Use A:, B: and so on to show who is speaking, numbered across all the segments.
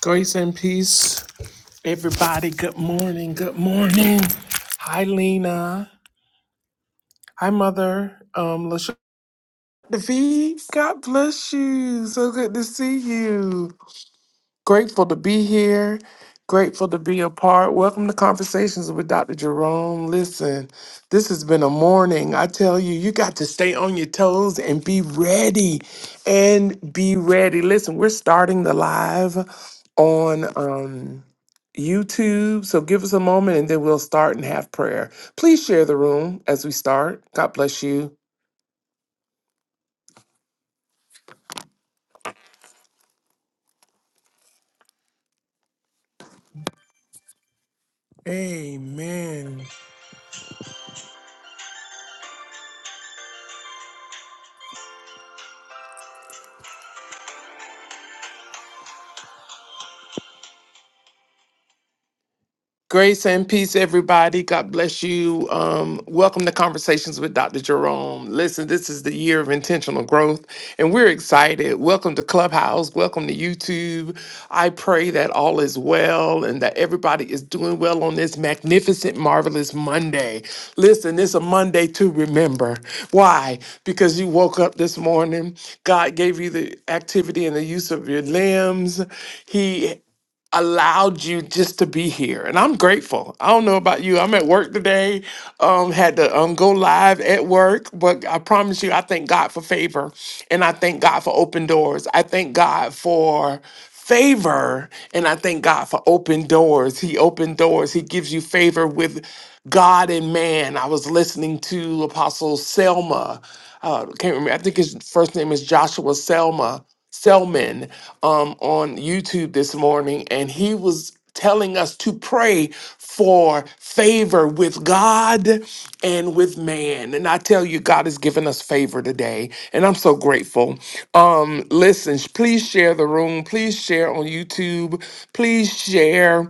A: Grace and peace, everybody. Good morning. Good morning. Hi, Lena. Hi, Mother. Um, Lashonda V. God bless you. So good to see you. Grateful to be here. Grateful to be a part. Welcome to Conversations with Dr. Jerome. Listen, this has been a morning. I tell you, you got to stay on your toes and be ready. And be ready. Listen, we're starting the live on um, YouTube. So give us a moment and then we'll start and have prayer. Please share the room as we start. God bless you. Amen. Grace and peace, everybody. God bless you. Um, welcome to Conversations with Dr. Jerome. Listen, this is the year of intentional growth, and we're excited. Welcome to Clubhouse. Welcome to YouTube. I pray that all is well and that everybody is doing well on this magnificent, marvelous Monday. Listen, it's a Monday to remember. Why? Because you woke up this morning, God gave you the activity and the use of your limbs. He allowed you just to be here and i'm grateful i don't know about you i'm at work today um had to um go live at work but i promise you i thank god for favor and i thank god for open doors i thank god for favor and i thank god for open doors he opened doors he gives you favor with god and man i was listening to apostle selma uh can't remember i think his first name is joshua selma Selman um, on YouTube this morning, and he was telling us to pray for favor with God and with man. And I tell you, God has given us favor today, and I'm so grateful. Um, listen, sh- please share the room. Please share on YouTube. Please share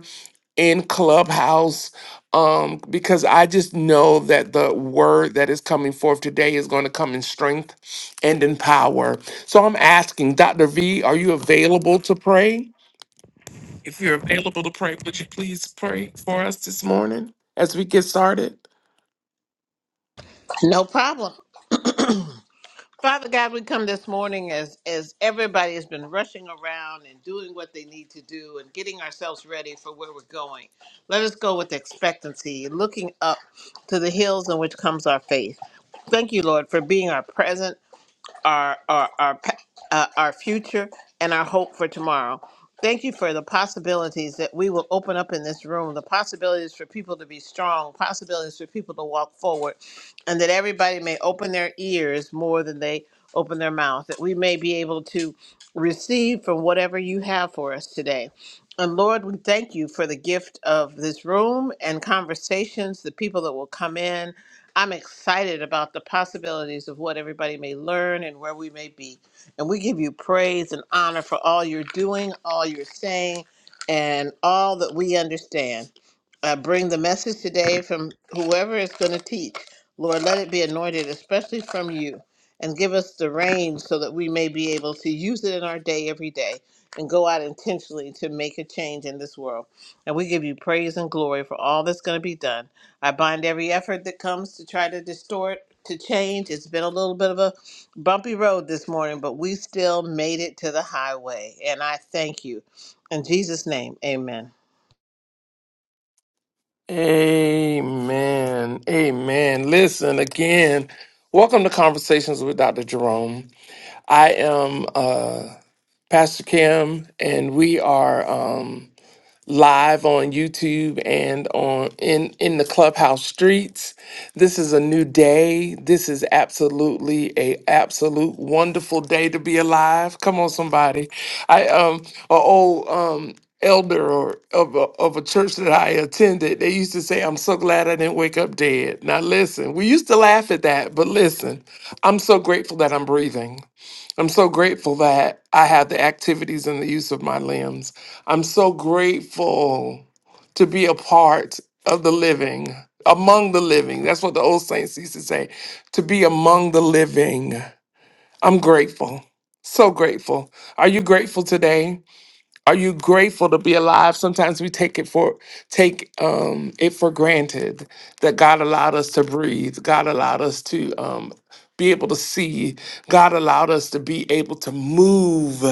A: in Clubhouse um, because I just know that the word that is coming forth today is going to come in strength and in power. So I'm asking, Dr. V, are you available to pray? If you're available to pray, would you please pray for us this morning as we get started?
B: No problem. Father God, we come this morning as as everybody has been rushing around and doing what they need to do and getting ourselves ready for where we're going. Let us go with expectancy, looking up to the hills in which comes our faith. Thank you, Lord, for being our present our our our pa- uh, our future and our hope for tomorrow. Thank you for the possibilities that we will open up in this room. The possibilities for people to be strong, possibilities for people to walk forward, and that everybody may open their ears more than they open their mouth. That we may be able to receive from whatever you have for us today. And Lord, we thank you for the gift of this room and conversations, the people that will come in I'm excited about the possibilities of what everybody may learn and where we may be. And we give you praise and honor for all you're doing, all you're saying, and all that we understand. I bring the message today from whoever is going to teach. Lord, let it be anointed, especially from you, and give us the reins so that we may be able to use it in our day every day and go out intentionally to make a change in this world. And we give you praise and glory for all that's going to be done. I bind every effort that comes to try to distort, to change. It's been a little bit of a bumpy road this morning, but we still made it to the highway. And I thank you. In Jesus' name, amen.
A: Amen. Amen. Listen again. Welcome to Conversations with Dr. Jerome. I am uh, Pastor Kim, and we are. Um, live on YouTube and on in in the clubhouse streets. This is a new day. This is absolutely a absolute wonderful day to be alive. Come on, somebody. I um a old um elder or of a, of a church that I attended, they used to say, "I'm so glad I didn't wake up dead." Now listen, we used to laugh at that, but listen, I'm so grateful that I'm breathing. I'm so grateful that I have the activities and the use of my limbs. I'm so grateful to be a part of the living, among the living. That's what the old saints used to say to be among the living. I'm grateful, so grateful. Are you grateful today? Are you grateful to be alive? Sometimes we take it for take um, it for granted that God allowed us to breathe. God allowed us to um, be able to see. God allowed us to be able to move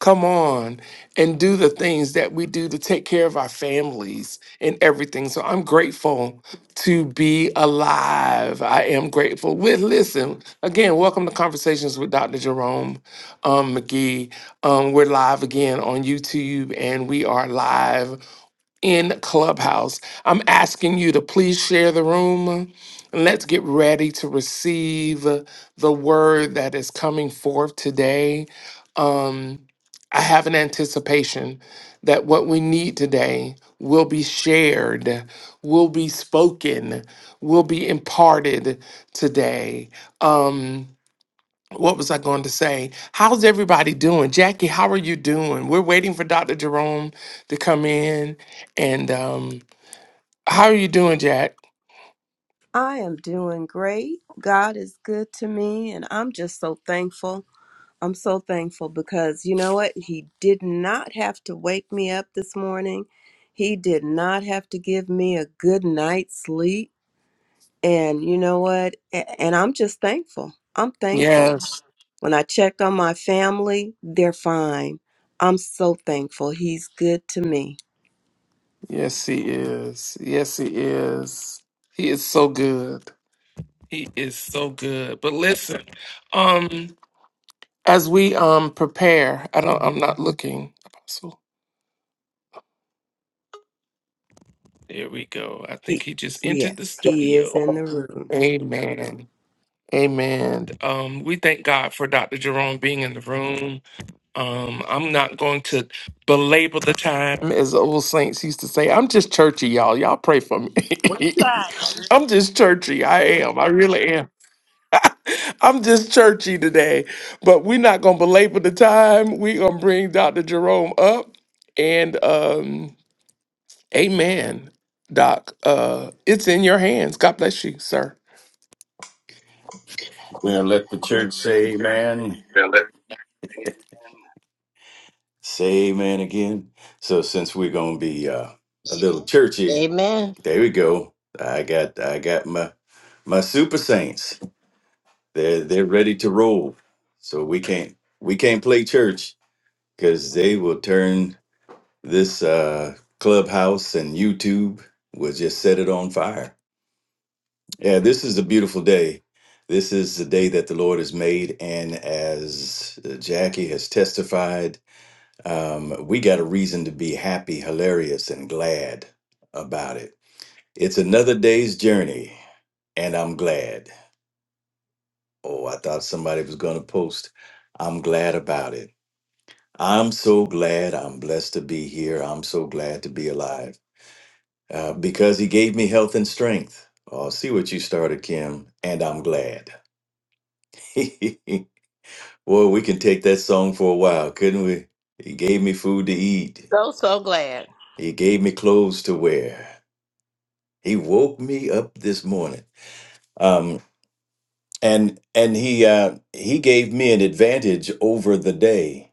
A: come on and do the things that we do to take care of our families and everything. So I'm grateful to be alive. I am grateful. With listen again, welcome to Conversations with Dr. Jerome um, McGee. Um, we're live again on YouTube and we are live in Clubhouse. I'm asking you to please share the room. and Let's get ready to receive the word that is coming forth today. Um, I have an anticipation that what we need today will be shared, will be spoken, will be imparted today. Um, what was I going to say? How's everybody doing? Jackie, how are you doing? We're waiting for Dr. Jerome to come in. And um, how are you doing, Jack?
C: I am doing great. God is good to me, and I'm just so thankful. I'm so thankful because you know what? He did not have to wake me up this morning. He did not have to give me a good night's sleep. And you know what? A- And I'm just thankful. I'm thankful.
A: Yes.
C: When I checked on my family, they're fine. I'm so thankful. He's good to me.
A: Yes, he is. Yes, he is. He is so good. He is so good. But listen, um, As we um prepare, I don't. I'm not looking. Apostle. There we go. I
C: He,
A: think he just entered the
C: yes, he is in the
A: studio.
C: room.
A: Amen. Amen. Um, we thank God for Dr. Jerome being in the room. Um, I'm not going to belabor the time, as the old saints used to say. I'm just churchy, y'all. Y'all pray for me.
B: We try.
A: I'm just churchy. I am. I really am. I'm just churchy today, but we're not gonna belabor the time. We're gonna bring Dr. Jerome up and um amen, Doc. Uh it's in your hands. God bless you, sir.
D: Now let the church say amen. Say amen again. So since we're gonna be uh, a little churchy,
B: Amen.
D: there we go. I got I got my my super saints. They're they're ready to roll. So we can't we can't play church because they will turn this uh, clubhouse and YouTube will just set it on fire. Yeah, this is a beautiful day. This is the day that the Lord has made, and as Jackie has testified. Um, we got a reason to be happy, hilarious, and glad about it. It's another day's journey, and I'm glad. Oh, I thought somebody was going to post. I'm glad about it. I'm so glad. I'm blessed to be here. I'm so glad to be alive uh, because he gave me health and strength. Oh, see what you started, Kim, and I'm glad. Boy, we can take that song for a while, couldn't we? He gave me food to eat.
B: So, so glad.
D: He gave me clothes to wear. He woke me up this morning. Um, and and he uh, he gave me an advantage over the day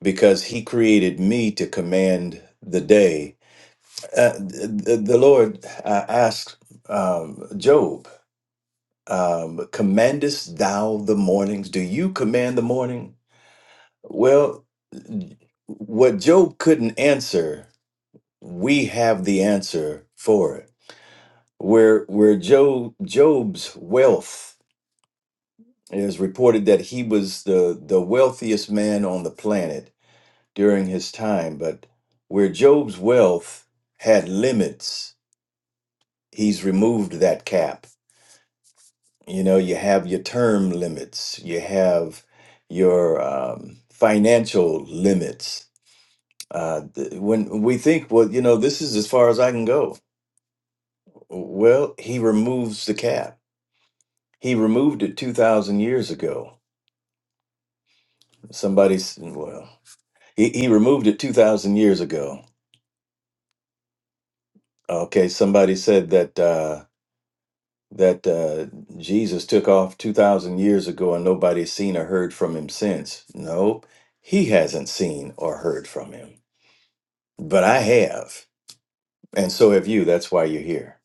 D: because he created me to command the day. Uh, the, the Lord uh, asked um, Job, um, "Commandest thou the mornings? Do you command the morning?" Well, what Job couldn't answer, we have the answer for it. Where where Job Job's wealth It is reported that he was the, the wealthiest man on the planet during his time, but where Job's wealth had limits, he's removed that cap. You know, you have your term limits, you have your um, financial limits. Uh, th- when we think, well, you know, this is as far as I can go. Well, he removes the cap. He removed it 2,000 years ago. Somebody's, well, he, he removed it 2,000 years ago Okay, somebody said that uh, that uh, Jesus took off two thousand years ago, and nobody's seen or heard from him since. No, he hasn't seen or heard from him, but I have, and so have you. That's why you're here.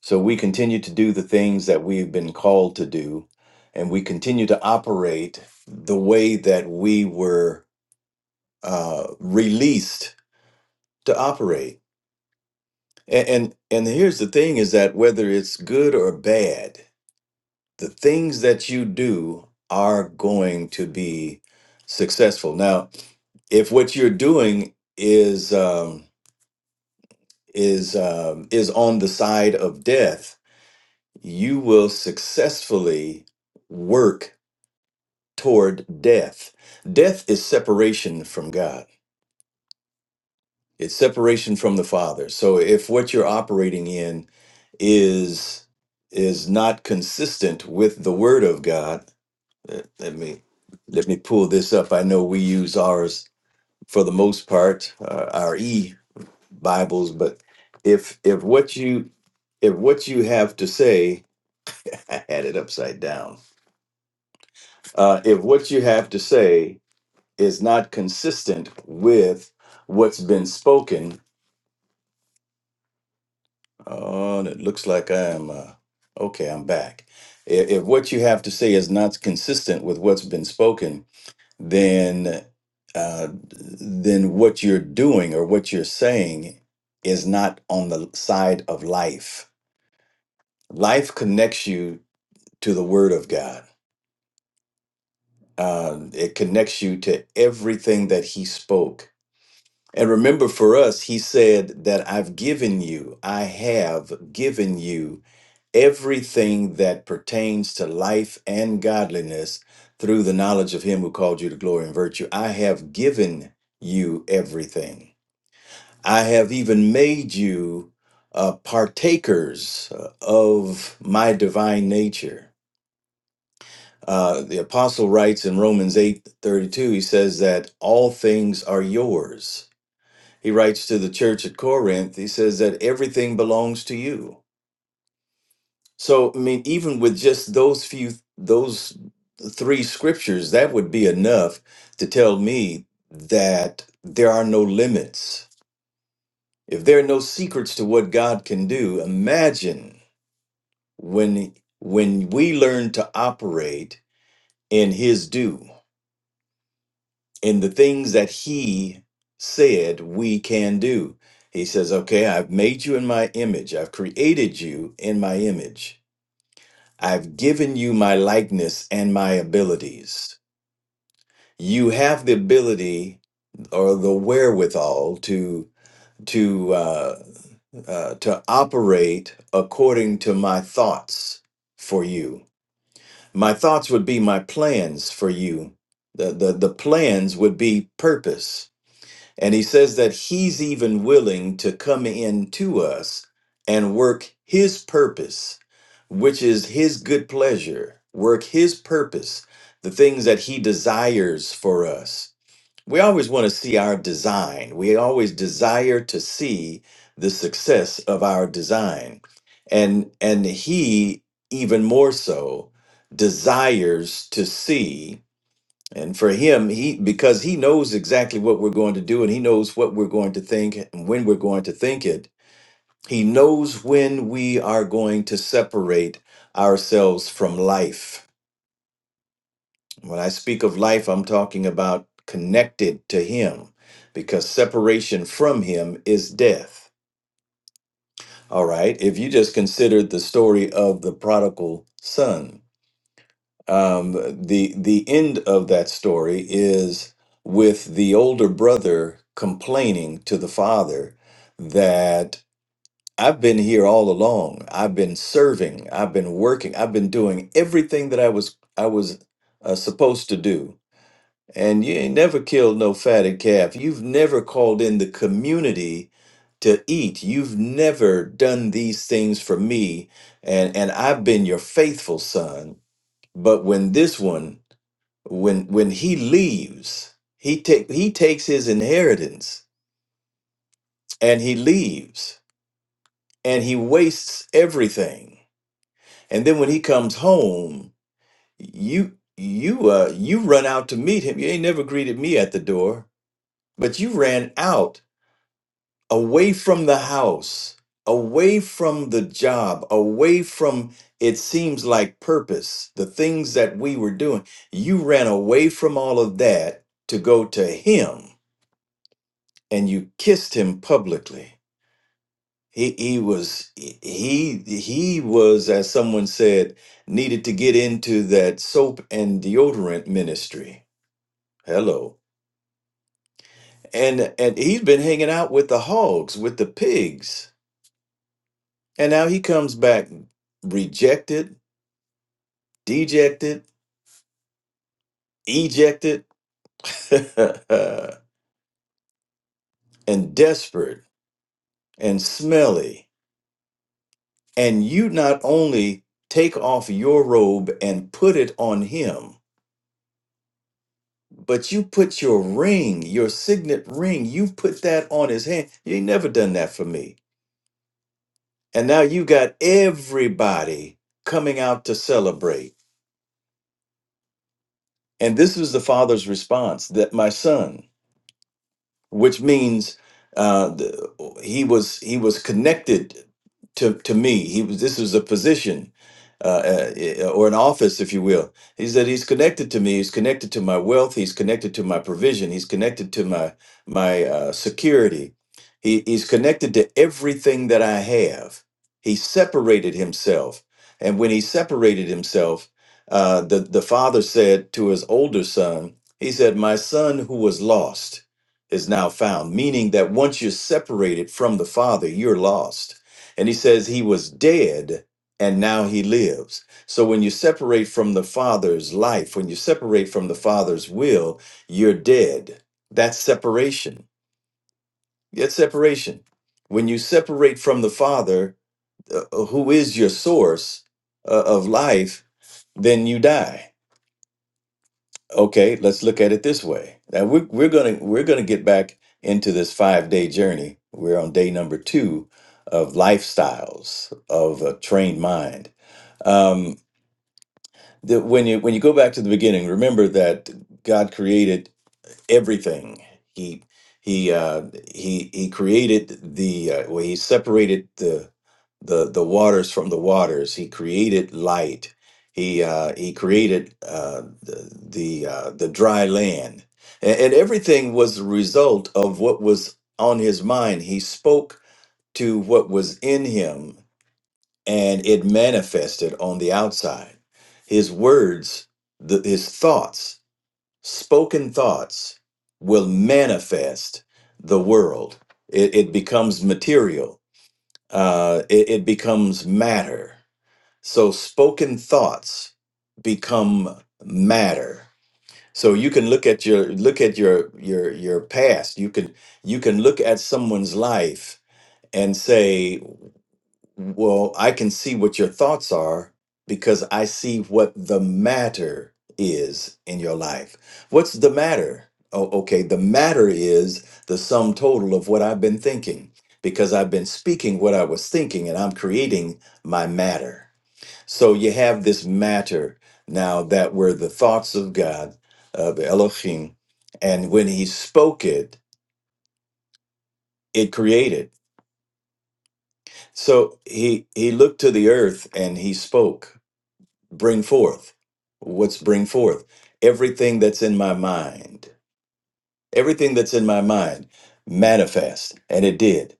D: So we continue to do the things that we've been called to do, and we continue to operate the way that we were uh, released to operate. And, and and here's the thing: is that whether it's good or bad. the things that you do are going to be successful. Now, if what you're doing is um, is um, is on the side of death, you will successfully work toward death. Death is separation from God. It's separation from the Father. So if what you're operating in is is not consistent with the Word of God, Uh, Let me let me pull this up. I know we use ours for the most part, uh, our e Bibles, but if if what you if what you have to say, I had it upside down. Uh, if what you have to say is not consistent with what's been spoken, oh, and it looks like I am. Uh, okay, I'm back. If, if what you have to say is not consistent with what's been spoken, then uh, then what you're doing or what you're saying is not on the side of life. Life connects you to the Word of God. Uh, it connects you to everything that He spoke. And remember, for us, He said that I've given you, I have given you everything that pertains to life and godliness through the knowledge of Him who called you to glory and virtue. I have given you everything. I have even made you uh, partakers uh, of my divine nature. Uh, the apostle writes in Romans 8 32. he says that all things are yours. He writes to the church at Corinth, he says that everything belongs to you. So, I mean, even with just those few, those three scriptures, that would be enough to tell me that there are no limits If there are no secrets to what God can do, imagine when when we learn to operate in his due, in the things that he said we can do. He says, "Okay, I've made you in my image. I've created you in my image. I've given you my likeness and my abilities. You have the ability or the wherewithal to." to uh, uh, to operate according to my thoughts for you. My thoughts would be my plans for you. The, the, the plans would be purpose. And he says that he's even willing to come in to us and work his purpose, which is his good pleasure, work his purpose, the things that he desires for us. We always want to see our design. We always desire to see the success of our design. And and he even more so desires to see and for him he because he knows exactly what we're going to do and he knows what we're going to think and when we're going to think it. He knows when we are going to separate ourselves from life when I speak of life, I'm talking about connected to Him because separation from Him is death. All right. If you just considered the story of the prodigal son, um, the, the end of that story is with the older brother complaining to the father that I've been here all along. I've been serving. I've been working. I've been doing everything that I was I was uh, supposed to do And you ain't never killed no fatted calf. You've never called in the community to eat. You've never done these things for me. And and I've been your faithful son. But when this one, when when he leaves, he take he takes his inheritance and he leaves and he wastes everything. And then when he comes home, you you uh you run out to meet him. You ain't never greeted me at the door, but you ran out away from the house, away from the job, away from it seems like purpose, the things that we were doing. You ran away from all of that to go to him and you kissed him publicly. He, he was he he was as someone said needed to get into that soap and deodorant ministry hello and and he's been hanging out with the hogs with the pigs And now he comes back rejected, dejected, ejected, and desperate and smelly. And you not only take off your robe and put it on him, but you put your ring, your signet ring, you put that on his hand. You ain't never done that for me. And now you got everybody coming out to celebrate. And this was the father's response that my son, which means uh, the, he was he was connected to to me. He was this was a position uh, uh, eh, or an office, if you will. He said he's connected to me. He's connected to my wealth. He's connected to my provision. He's connected to my my uh, security. He, he's connected to everything that I have. He separated himself, and when he separated himself, uh, the the father said to his older son, he said, "My son who was lost." is now found, meaning that once you're separated from the Father, you're lost. And he says he was dead and now he lives. So when you separate from the Father's life, when you separate from the Father's will, you're dead. That's separation. That's separation. When you separate from the Father, uh, who is your source uh, of life, then you die Okay, let's look at it this way. Now we're we're gonna we're gonna get back into this five day journey. We're on day number two of lifestyles of a trained mind. Um, the, when you when you go back to the beginning, remember that God created everything. He he uh, he he created the uh, well. He separated the the the waters from the waters. He created light. He uh, he created uh, the the, uh, the dry land, and, and everything was the result of what was on his mind. He spoke to what was in him, and it manifested on the outside. His words, the, his thoughts spoken thoughts will manifest the world. It, it becomes material, uh, it, it becomes matter. So, spoken thoughts become matter. So you can look at your look at your your your past. You can you can look at someone's life and say. Well, I can see what your thoughts are because I see what the matter is in your life. What's the matter? Oh, okay. The matter is the sum total of what I've been thinking because I've been speaking what I was thinking and I'm creating my matter. So you have this matter now that were the thoughts of God, of Elohim, and when he spoke it, it created. So he he looked to the earth and he spoke bring forth. What's bring forth? Everything that's in my mind. Everything that's in my mind manifest. And it did.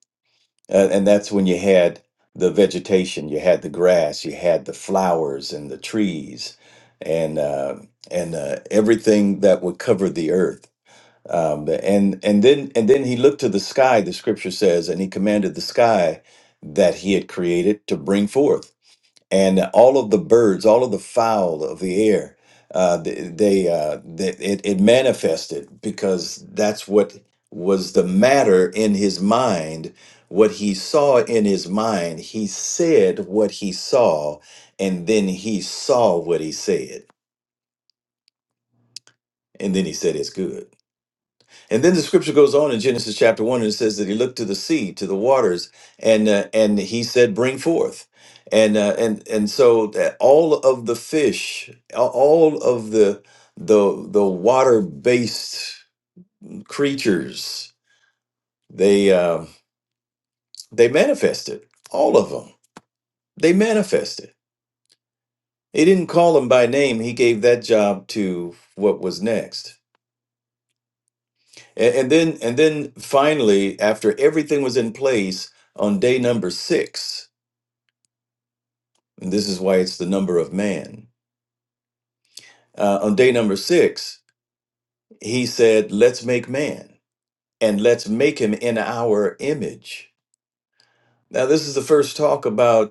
D: Uh, and that's when you had the vegetation, you had the grass, you had the flowers and the trees and uh, and uh, everything that would cover the earth. Um, and and then and then he looked to the sky, the scripture says, and he commanded the sky that he had created to bring forth and all of the birds, all of the fowl of the air, uh, th- they, uh, th it, it manifested because that's what was the matter in his mind. What he saw in his mind, he said what he saw, and then he saw what he said, and then he said it's good. And then the scripture goes on in Genesis chapter one, and it says that he looked to the sea, to the waters, and uh, and he said, "Bring forth." And uh, and and so that all of the fish, a- all of the the the water based creatures, they uh, they manifested. All of them, they manifested. He didn't call them by name. He gave that job to what was next. And, and then and then finally, after everything was in place on day number six And this is why it's the number of man. Uh, on day number six, he said, Let's make man and let's make him in our image. Now, this is the first talk about.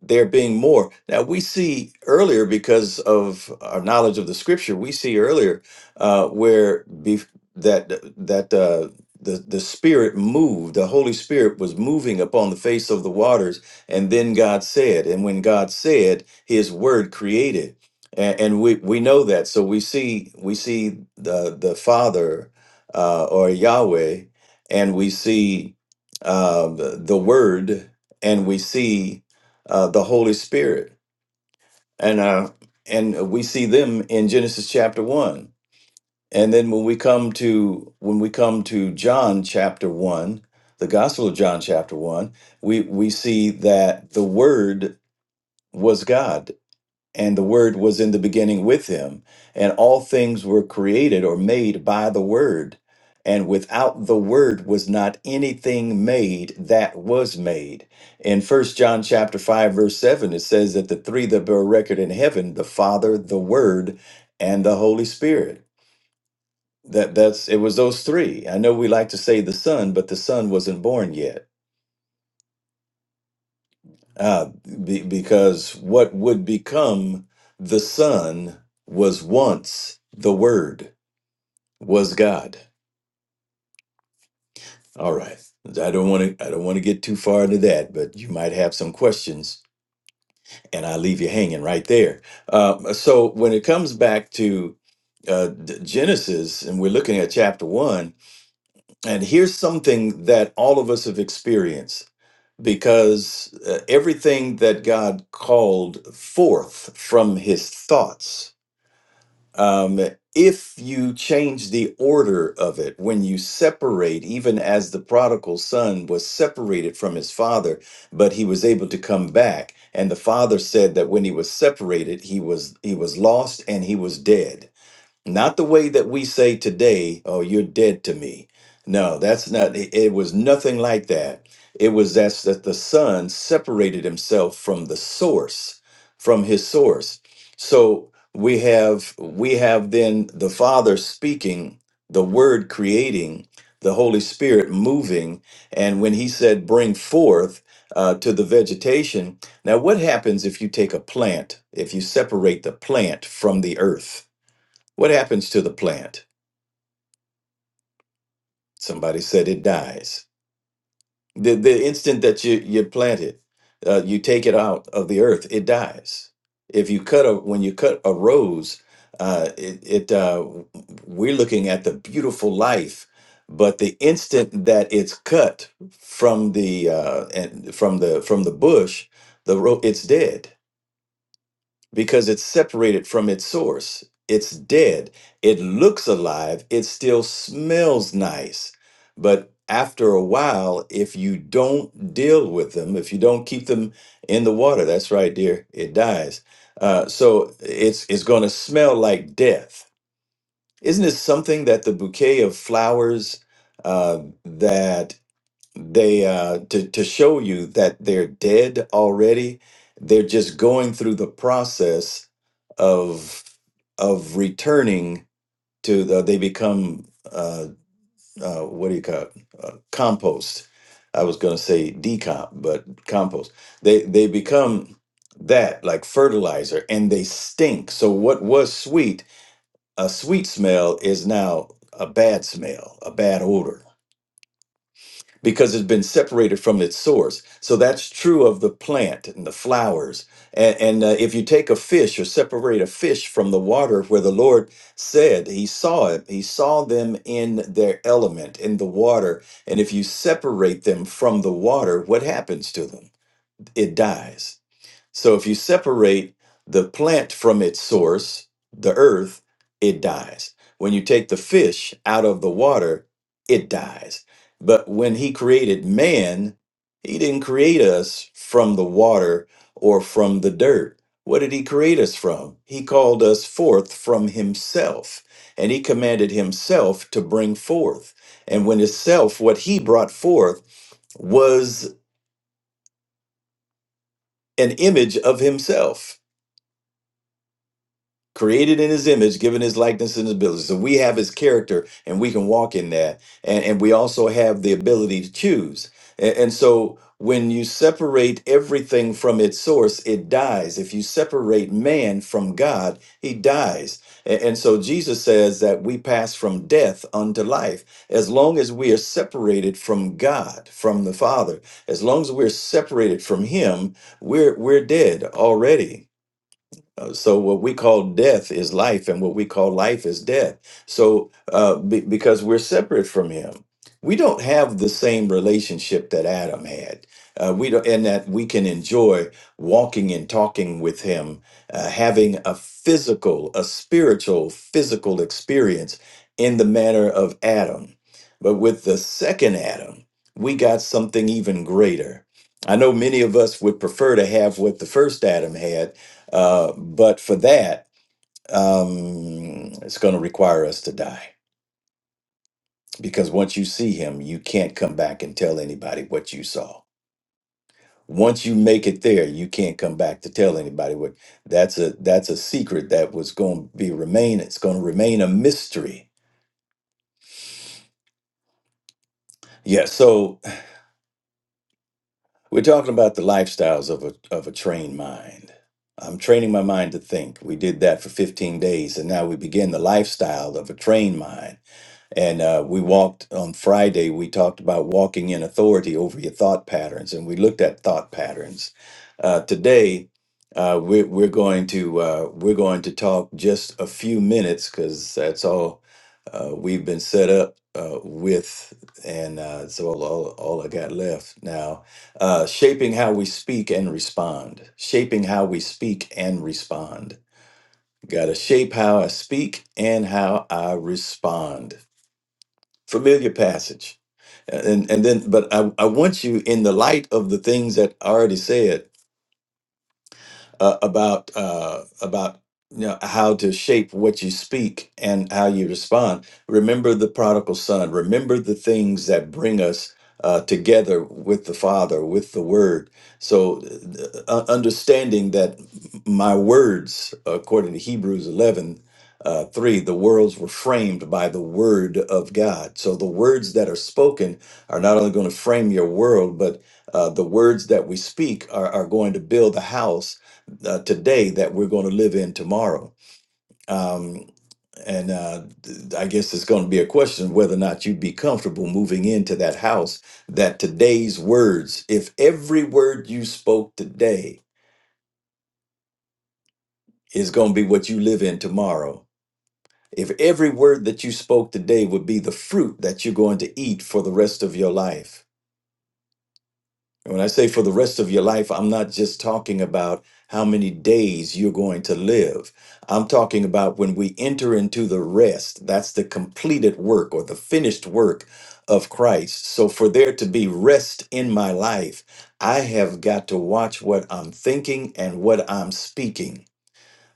D: there being more. Now we see earlier because of our knowledge of the scripture, we see earlier uh, where bef- that that uh, the the Spirit moved, the Holy Spirit was moving upon the face of the waters, and then God said, and when God said, His Word created, and, and we we know that. So we see we see the the Father uh, or Yahweh, and we see uh, the the Word, and we see uh, the Holy Spirit, and uh, and we see them in Genesis chapter one, and then when we come to when we come to John chapter one, the Gospel of John chapter one, we we see that the Word was God and the word was in the beginning with him and all things were created or made by the word and without the word was not anything made that was made in first john chapter 5 verse 7 it says that the three that bear record in heaven the father the word and the holy spirit that that's it was those three i know we like to say the son but the son wasn't born yet Uh, be, because what would become the Son was once the Word was God. All right, I don't want to. I don't want to get too far into that, but you might have some questions, and I leave you hanging right there. Uh, so when it comes back to uh, D- Genesis, and we're looking at chapter one, and here's something that all of us have experienced. because uh, everything that God called forth from his thoughts, um, if you change the order of it, when you separate, even as the prodigal son was separated from his father, but he was able to come back, and the father said that when he was separated, he was he was lost and he was dead not the way that we say today, oh, you're dead to me. No, that's not, it, it was nothing like that. It was that's that the son separated himself from the source, from his source. So we have, we have then the father speaking, the word creating, the Holy Spirit moving. And when he said, bring forth uh, to the vegetation, now what happens if you take a plant, if you separate the plant from the earth? What happens to the plant? Somebody said it dies. The, the instant that you, you plant it, uh, you take it out of the earth, it dies. If you cut a, when you cut a rose, uh, it, it uh, we're looking at the beautiful life, but the instant that it's cut from the uh, and from the from the bush, the ro- it's dead because it's separated from its source. It's dead. It looks alive. It still smells nice. But after a while, if you don't deal with them, if you don't keep them in the water, that's right, dear, it dies. Uh, so it's, it's going to smell like death. Isn't it something that the bouquet of flowers uh, that they uh to to show you that they're dead already they're just going through the process of of returning to the they become uh uh what do you call it uh, compost i was going to say decomp but compost they they become that like fertilizer and they stink so what was sweet a sweet smell is now a bad smell a bad odor because it's been separated from its source. So that's true of the plant and the flowers. And, and uh, if you take a fish or separate a fish from the water where the Lord said he saw it, he saw them in their element, in the water. And if you separate them from the water, what happens to them? It dies. So if you separate the plant from its source, the earth, it dies. When you take the fish out of the water, it dies. But when he created man, he didn't create us from the water or from the dirt. What did he create us from? He called us forth from himself, and he commanded himself to bring forth. And when his self, what he brought forth was an image of himself created in his image, given his likeness and his ability. So we have his character and we can walk in that. And, and we also have the ability to choose. And, and so when you separate everything from its source, it dies. If you separate man from God, he dies. And, and so Jesus says that we pass from death unto life as long as we are separated from God, from the Father. As long as we're separated from him, we're we're dead already uh, so what we call death is life, and what we call life is death. So uh, be, because we're separate from Him, we don't have the same relationship that Adam had. Uh, we don't, and that we can enjoy walking and talking with Him, uh, having a physical, a spiritual, physical experience in the manner of Adam. But with the second Adam, we got something even greater. I know many of us would prefer to have what the first Adam had uh, but for that, um, it's going to require us to die because once you see him, you can't come back and tell anybody what you saw. Once you make it there, you can't come back to tell anybody what. That's a that's a secret that was going to be remain. It's going to remain a mystery. Yeah. So we're talking about the lifestyles of a of a trained mind. I'm training my mind to think. We did that for 15 days, and now we begin the lifestyle of a trained mind And uh, we walked on Friday, we talked about walking in authority over your thought patterns, and we looked at thought patterns. Uh, today, uh, we're, we're going to uh, we're going to talk just a few minutes because that's all uh, we've been set up uh, with, and uh, so all, all all I got left now. Uh, shaping how we speak and respond. Shaping how we speak and respond. Got to shape how I speak and how I respond familiar passage and and then but i i want you in the light of the things that i already said uh, about uh, about you know how to shape what you speak and how you respond. Remember the prodigal son. Remember the things that bring us uh, together with the Father, with the Word. So, uh, understanding that my words, according to Hebrews eleven. Uh, three, the worlds were framed by the word of God. So the words that are spoken are not only going to frame your world, but uh, the words that we speak are, are going to build a house uh, today that we're going to live in tomorrow. Um, and uh, th- I guess it's going to be a question of whether or not you'd be comfortable moving into that house that today's words, if every word you spoke today is going to be what you live in tomorrow, if every word that you spoke today would be the fruit that you're going to eat for the rest of your life And when I say for the rest of your life, I'm not just talking about how many days you're going to live. I'm talking about when we enter into the rest, that's the completed work or the finished work of Christ. So for there to be rest in my life, I have got to watch what I'm thinking and what I'm speaking.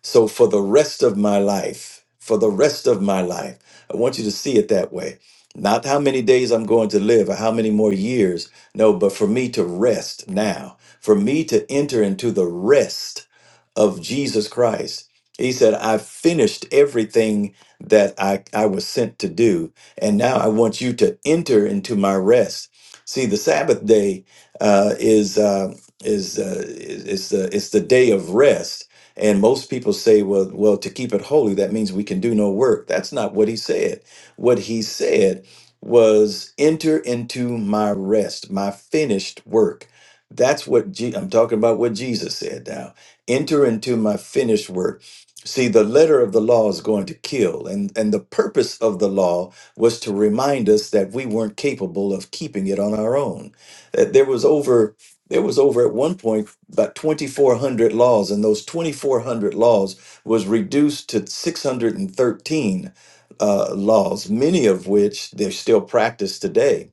D: So for the rest of my life, for the rest of my life, I want you to see it that way. Not how many days I'm going to live or how many more years. No, but for me to rest now, for me to enter into the rest of Jesus Christ. He said, I've finished everything that I, I was sent to do. And now I want you to enter into my rest. See, the Sabbath day uh, is, uh, is, uh, is, is the, it's the day of rest and most people say, well, well, to keep it holy, that means we can do no work. That's not what he said. What he said was, enter into my rest, my finished work. That's what Je- I'm talking about, what Jesus said now. Enter into my finished work. See, the letter of the law is going to kill. And, and the purpose of the law was to remind us that we weren't capable of keeping it on our own. That there was over, there was over at one point about 2400 laws and those 2400 laws was reduced to 613 uh, laws many of which they're still practiced today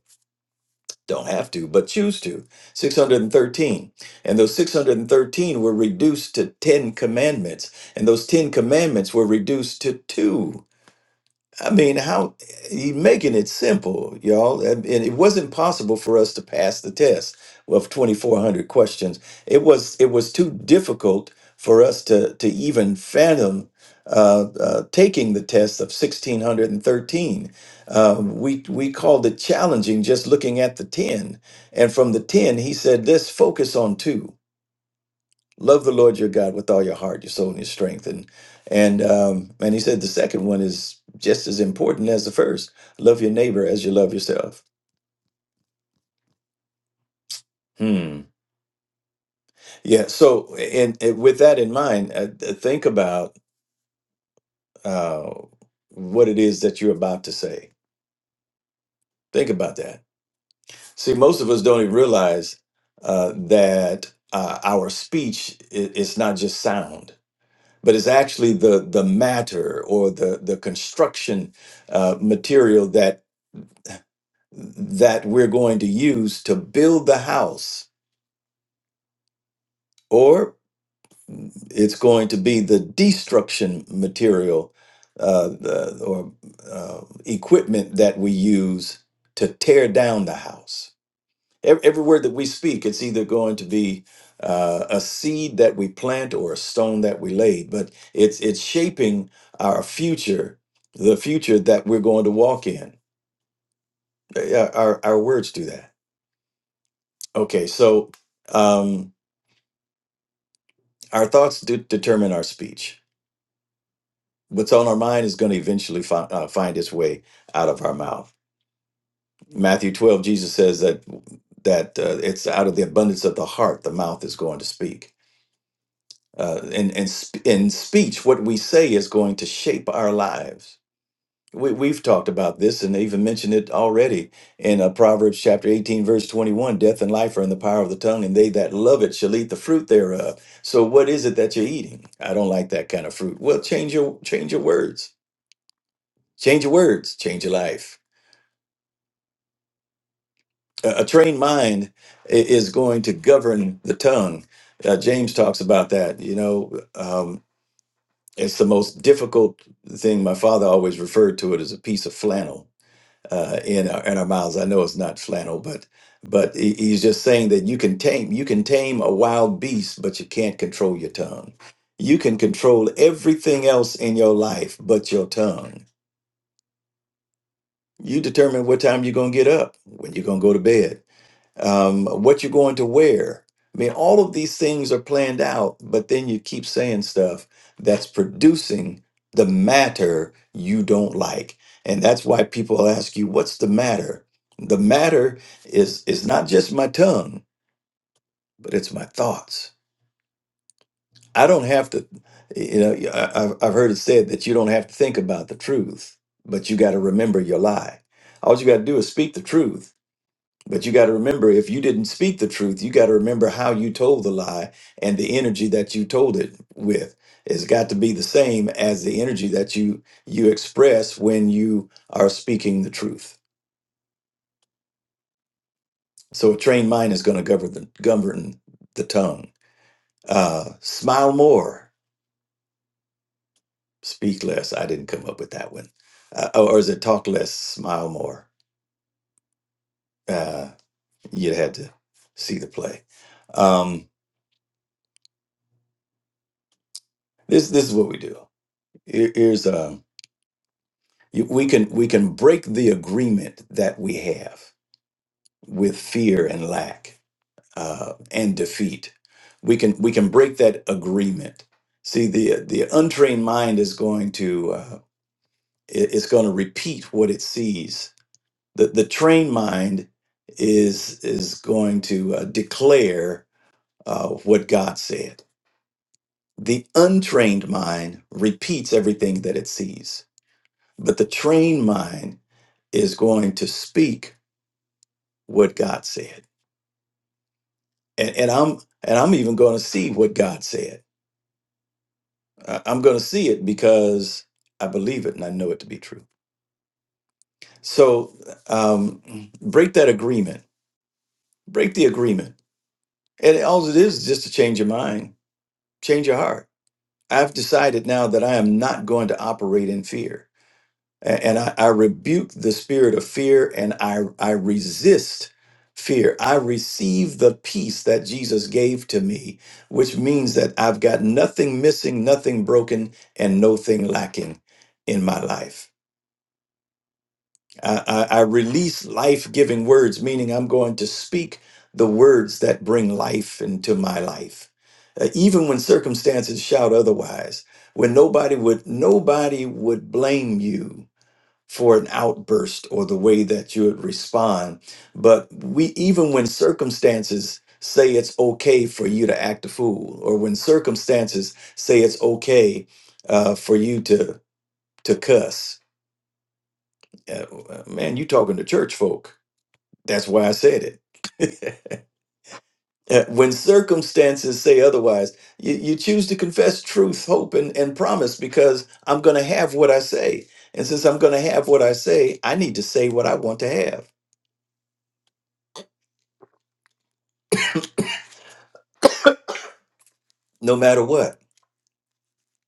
D: don't have to but choose to 613 and those 613 were reduced to 10 commandments and those 10 commandments were reduced to two I mean, how he making it simple, y'all. And and it wasn't possible for us to pass the test of 2,400 questions. It was it was too difficult for us to to even fathom uh, uh, taking the test of 1,613. Um, we we called it challenging just looking at the 10. And from the 10, he said, let's focus on two love the Lord your God with all your heart, your soul, and your strength. And and um, and he said the second one is just as important as the first. Love your neighbor as you love yourself. Hmm. Yeah. So, and, and with that in mind, uh, th- think about uh, what it is that you're about to say. Think about that. See, most of us don't even realize uh, that uh, our speech i- is it's not just sound, but it's actually the the matter or the the construction uh, material that we're going to use to build the house, or it's going to be the destruction material uh, the, or uh, equipment that we use to tear down the house. Ev- Every word that we speak, it's either going to be uh, a seed that we plant or a stone that we lay, but it's it's shaping our future, the future that we're going to walk in. Uh, yeah, Our, our words do that. Okay, so. Um, Our thoughts do determine our speech. What's on our mind is going to eventually fi- uh, find its way out of our mouth. Matthew 12, Jesus says that that uh, it's out of the abundance of the heart the mouth is going to speak. Uh, and and sp- in speech, what we say is going to shape our lives. We, we've talked about this and even mentioned it already in uh, Proverbs chapter 18, verse 21. Death and life are in the power of the tongue, and they that love it shall eat the fruit thereof. So, what is it that you're eating? I don't like that kind of fruit. Well, change your change your words. Change your words. Change your life. A, a trained mind i- is going to govern the tongue. Uh, James talks about that. You know, um, it's the most difficult thing. My father always referred to it as a piece of flannel uh, in our, in our mouths. I know it's not flannel, but but he- he's just saying that you can tame you can tame a wild beast, but you can't control your tongue. You can control everything else in your life, but your tongue. You determine what time you're gonna get up, when you're gonna go to bed um, what you're going to wear. I mean, all of these things are planned out, but then you keep saying stuff that's producing the matter you don't like. And that's why people ask you, what's the matter? The matter is is not just my tongue, but it's my thoughts. I don't have to, you know, I- I've I've heard it said that you don't have to think about the truth, but you got to remember your lie. All you got to do is speak the truth but you got to remember, if you didn't speak the truth, you got to remember how you told the lie and the energy that you told it with. has got to be the same as the energy that you you express when you are speaking the truth. So a trained mind is going to govern the, govern the tongue. Uh, smile more, speak less. I didn't come up with that one. Uh, oh, or is it talk less, smile more? Uh, you'd have to see the play. Um, this this is what we do. Here- Here's um You- We can we can break the agreement that we have with fear and lack uh, and defeat. We can we can break that agreement. See, the the untrained mind is going to uh, it- it's going to repeat what it sees. The the trained mind is is going to uh, declare uh, what God said. The untrained mind repeats everything that it sees, but the trained mind is going to speak what God said. And, and I'm and I'm even going to see what God said. I- I'm going to see it because I believe it and I know it to be true. So um, break that agreement. Break the agreement. And all it is is just to change your mind, change your heart. I've decided now that I am not going to operate in fear. A- and I, I rebuke the spirit of fear and I, I resist fear. I receive the peace that Jesus gave to me, which means that I've got nothing missing, nothing broken, and no thing lacking in my life. I, I, I release life giving words, meaning I'm going to speak the words that bring life into my life. Uh, even when circumstances shout otherwise, when nobody would nobody would blame you for an outburst or the way that you would respond. But we, even when circumstances say it's okay for you to act a fool, or when circumstances say it's okay uh, for you to to cuss, uh, uh, man, you talking to church folk. That's why I said it. Uh, when circumstances say otherwise, you, you choose to confess truth, hope, and, and promise because I'm going to have what I say. And since I'm going to have what I say, I need to say what I want to have. no matter what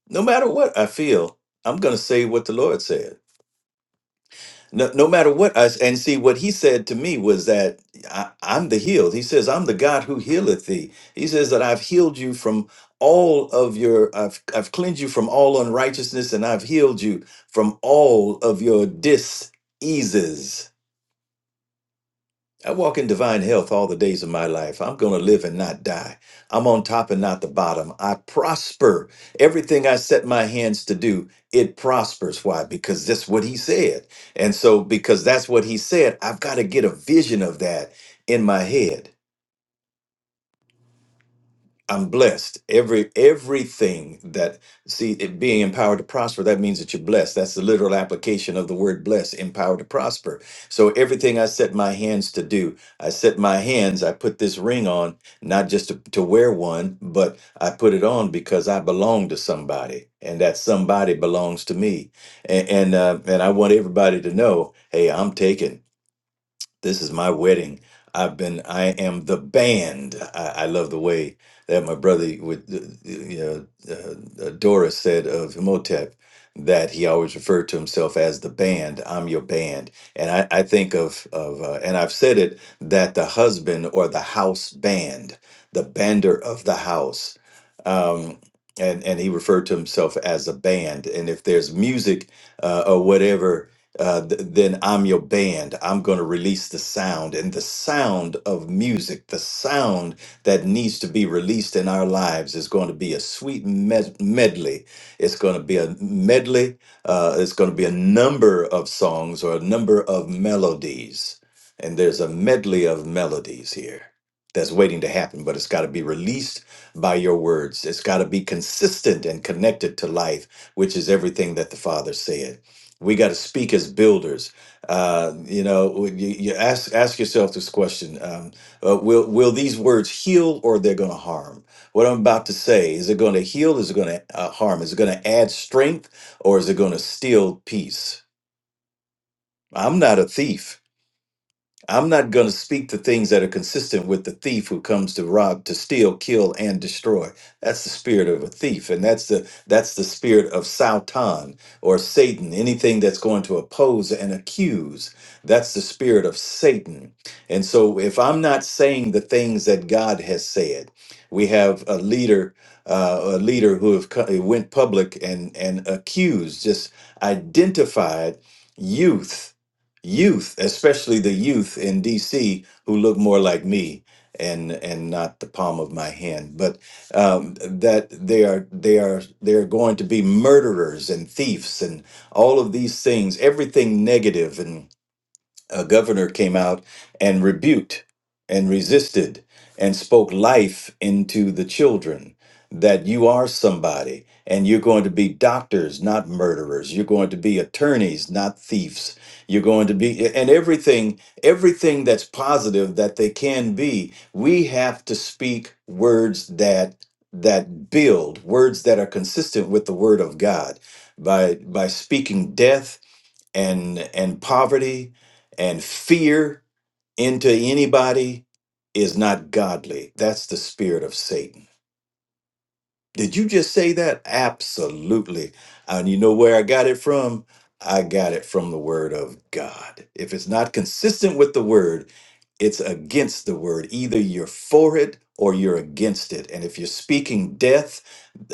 D: no matter what i feel i'm going to say what the lord said no, no matter what i s- and see what he said to me was that I, i'm the healed he says i'm the god who healeth thee he says that i've healed you from all of your i've, I've cleansed you from all unrighteousness and i've healed you from all of your diseases I walk in divine health all the days of my life. I'm going to live and not die. I'm on top and not the bottom. I prosper. Everything I set my hands to do, it prospers. Why? Because that's what he said. And so, because that's what he said, I've got to get a vision of that in my head. I'm blessed. Every everything that see it being empowered to prosper, that means that you're blessed. That's the literal application of the word blessed, empowered to prosper. So everything I set my hands to do, I set my hands, I put this ring on, not just to, to wear one, but I put it on because I belong to somebody. And that somebody belongs to me. And and, uh, and I want everybody to know, hey, I'm taken this is my wedding. I've been, I am the band. I, I love the way that my brother with, you know, uh, uh, Doris said of Himotep that he always referred to himself as the band. I'm your band. And I, I think of, of uh, and I've said it, that the husband or the house band, the bander of the house, um, and, and he referred to himself as a band. And if there's music uh, or whatever uh, th- then I'm your band. I'm going to release the sound and the sound of music, the sound that needs to be released in our lives is going to be a sweet med- medley. It's going to be a medley. Uh, it's going to be a number of songs or a number of melodies. And there's a medley of melodies here that's waiting to happen, but it's got to be released by your words. It's got to be consistent and connected to life, which is everything that the Father said. We got to speak as builders. Uh, you know, you, you ask ask yourself this question: um, uh, Will will these words heal, or they're going to harm? What I'm about to say is it going to heal? Is it going to uh, harm? Is it going to add strength, or is it going to steal peace? I'm not a thief. I'm not going to speak to things that are consistent with the thief who comes to rob, to steal, kill, and destroy. That's the spirit of a thief, and that's the that's the spirit of Sautan or Satan. Anything that's going to oppose and accuse, that's the spirit of Satan. And so, if I'm not saying the things that God has said, we have a leader, uh, a leader who have co- went public and and accused, just identified youth youth, especially the youth in DC who look more like me and and not the palm of my hand, but um, that they are they are they are going to be murderers and thieves and all of these things, everything negative, and a governor came out and rebuked and resisted and spoke life into the children that you are somebody and you're going to be doctors not murderers you're going to be attorneys not thieves you're going to be and everything everything that's positive that they can be we have to speak words that that build words that are consistent with the word of god by by speaking death and and poverty and fear into anybody is not godly that's the spirit of satan did you just say that absolutely and you know where i got it from i got it from the word of god if it's not consistent with the word it's against the word either you're for it or you're against it and if you're speaking death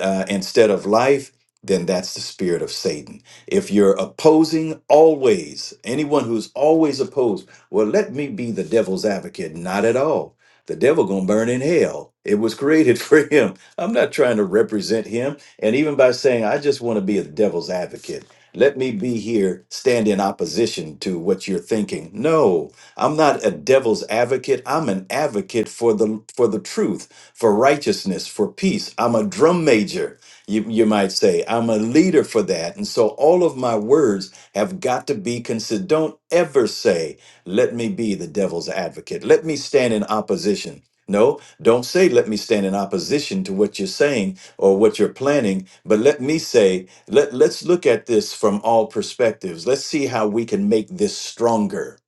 D: uh, instead of life, then that's the spirit of Satan. If you're opposing always, anyone who's always opposed, well, let me be the devil's advocate. Not at all. The devil gonna burn in hell. It was created for him. I'm not trying to represent him. And even by saying I just want to be a devil's advocate let me be here, stand in opposition to what you're thinking. No, I'm not a devil's advocate. I'm an advocate for the for the truth, for righteousness, for peace. I'm a drum major, you, you might say. I'm a leader for that. And so all of my words have got to be considered. Don't ever say, let me be the devil's advocate. Let me stand in opposition. No, don't say, let me stand in opposition to what you're saying or what you're planning, but let me say, let, let's look at this from all perspectives. Let's see how we can make this stronger.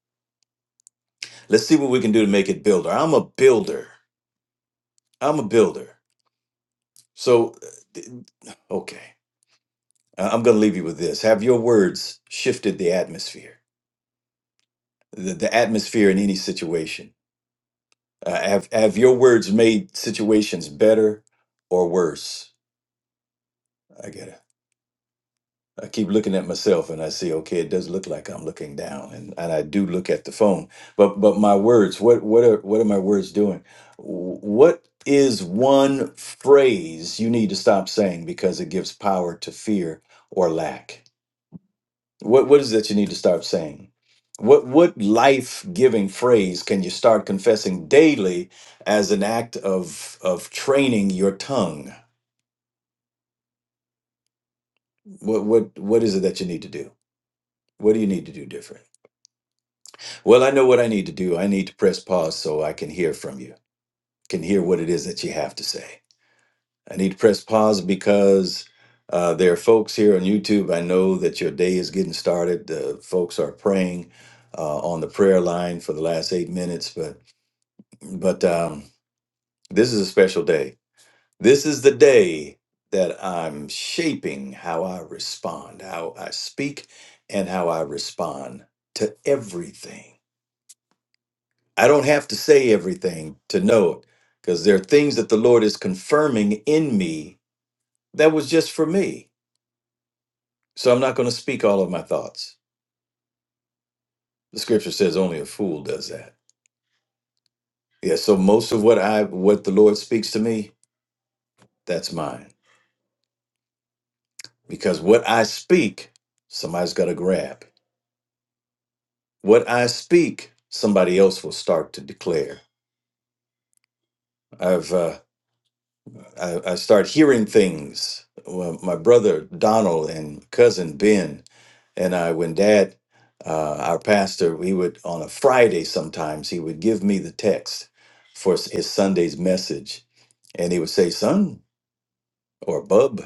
D: Let's see what we can do to make it builder. I'm a builder. I'm a builder. So, uh, okay, I- I'm going to leave you with this. Have your words shifted the atmosphere, the, the atmosphere in any situation? Uh, have, have your words made situations better or worse? I get it. I keep looking at myself and I see, okay, it does look like I'm looking down and, and I do look at the phone. But but my words, what what are what are my words doing? Wh- What is one phrase you need to stop saying because it gives power to fear or lack? What what is that you need to stop saying? What what life-giving phrase can you start confessing daily as an act of of training your tongue? What what what is it that you need to do? What do you need to do different? Well, I know what I need to do. I need to press pause so I can hear from you, can hear what it is that you have to say. I need to press pause because uh, there are folks here on YouTube. I know that your day is getting started. The folks are praying uh, on the prayer line for the last eight minutes, but but um, this is a special day. This is the day that I'm shaping how I respond, how I speak, and how I respond to everything. I don't have to say everything to know it because there are things that the Lord is confirming in me that was just for me. So I'm not going to speak all of my thoughts. The scripture says only a fool does that. Yeah, so most of what I what the Lord speaks to me, that's mine. Because what I speak, somebody's got to grab. What I speak, somebody else will start to declare. I've. uh, I, I start hearing things. Well, my brother Donald and cousin Ben and I, when Dad, uh, our pastor, we would on a Friday sometimes he would give me the text for s- his Sunday's message, and he would say, "Son or Bub,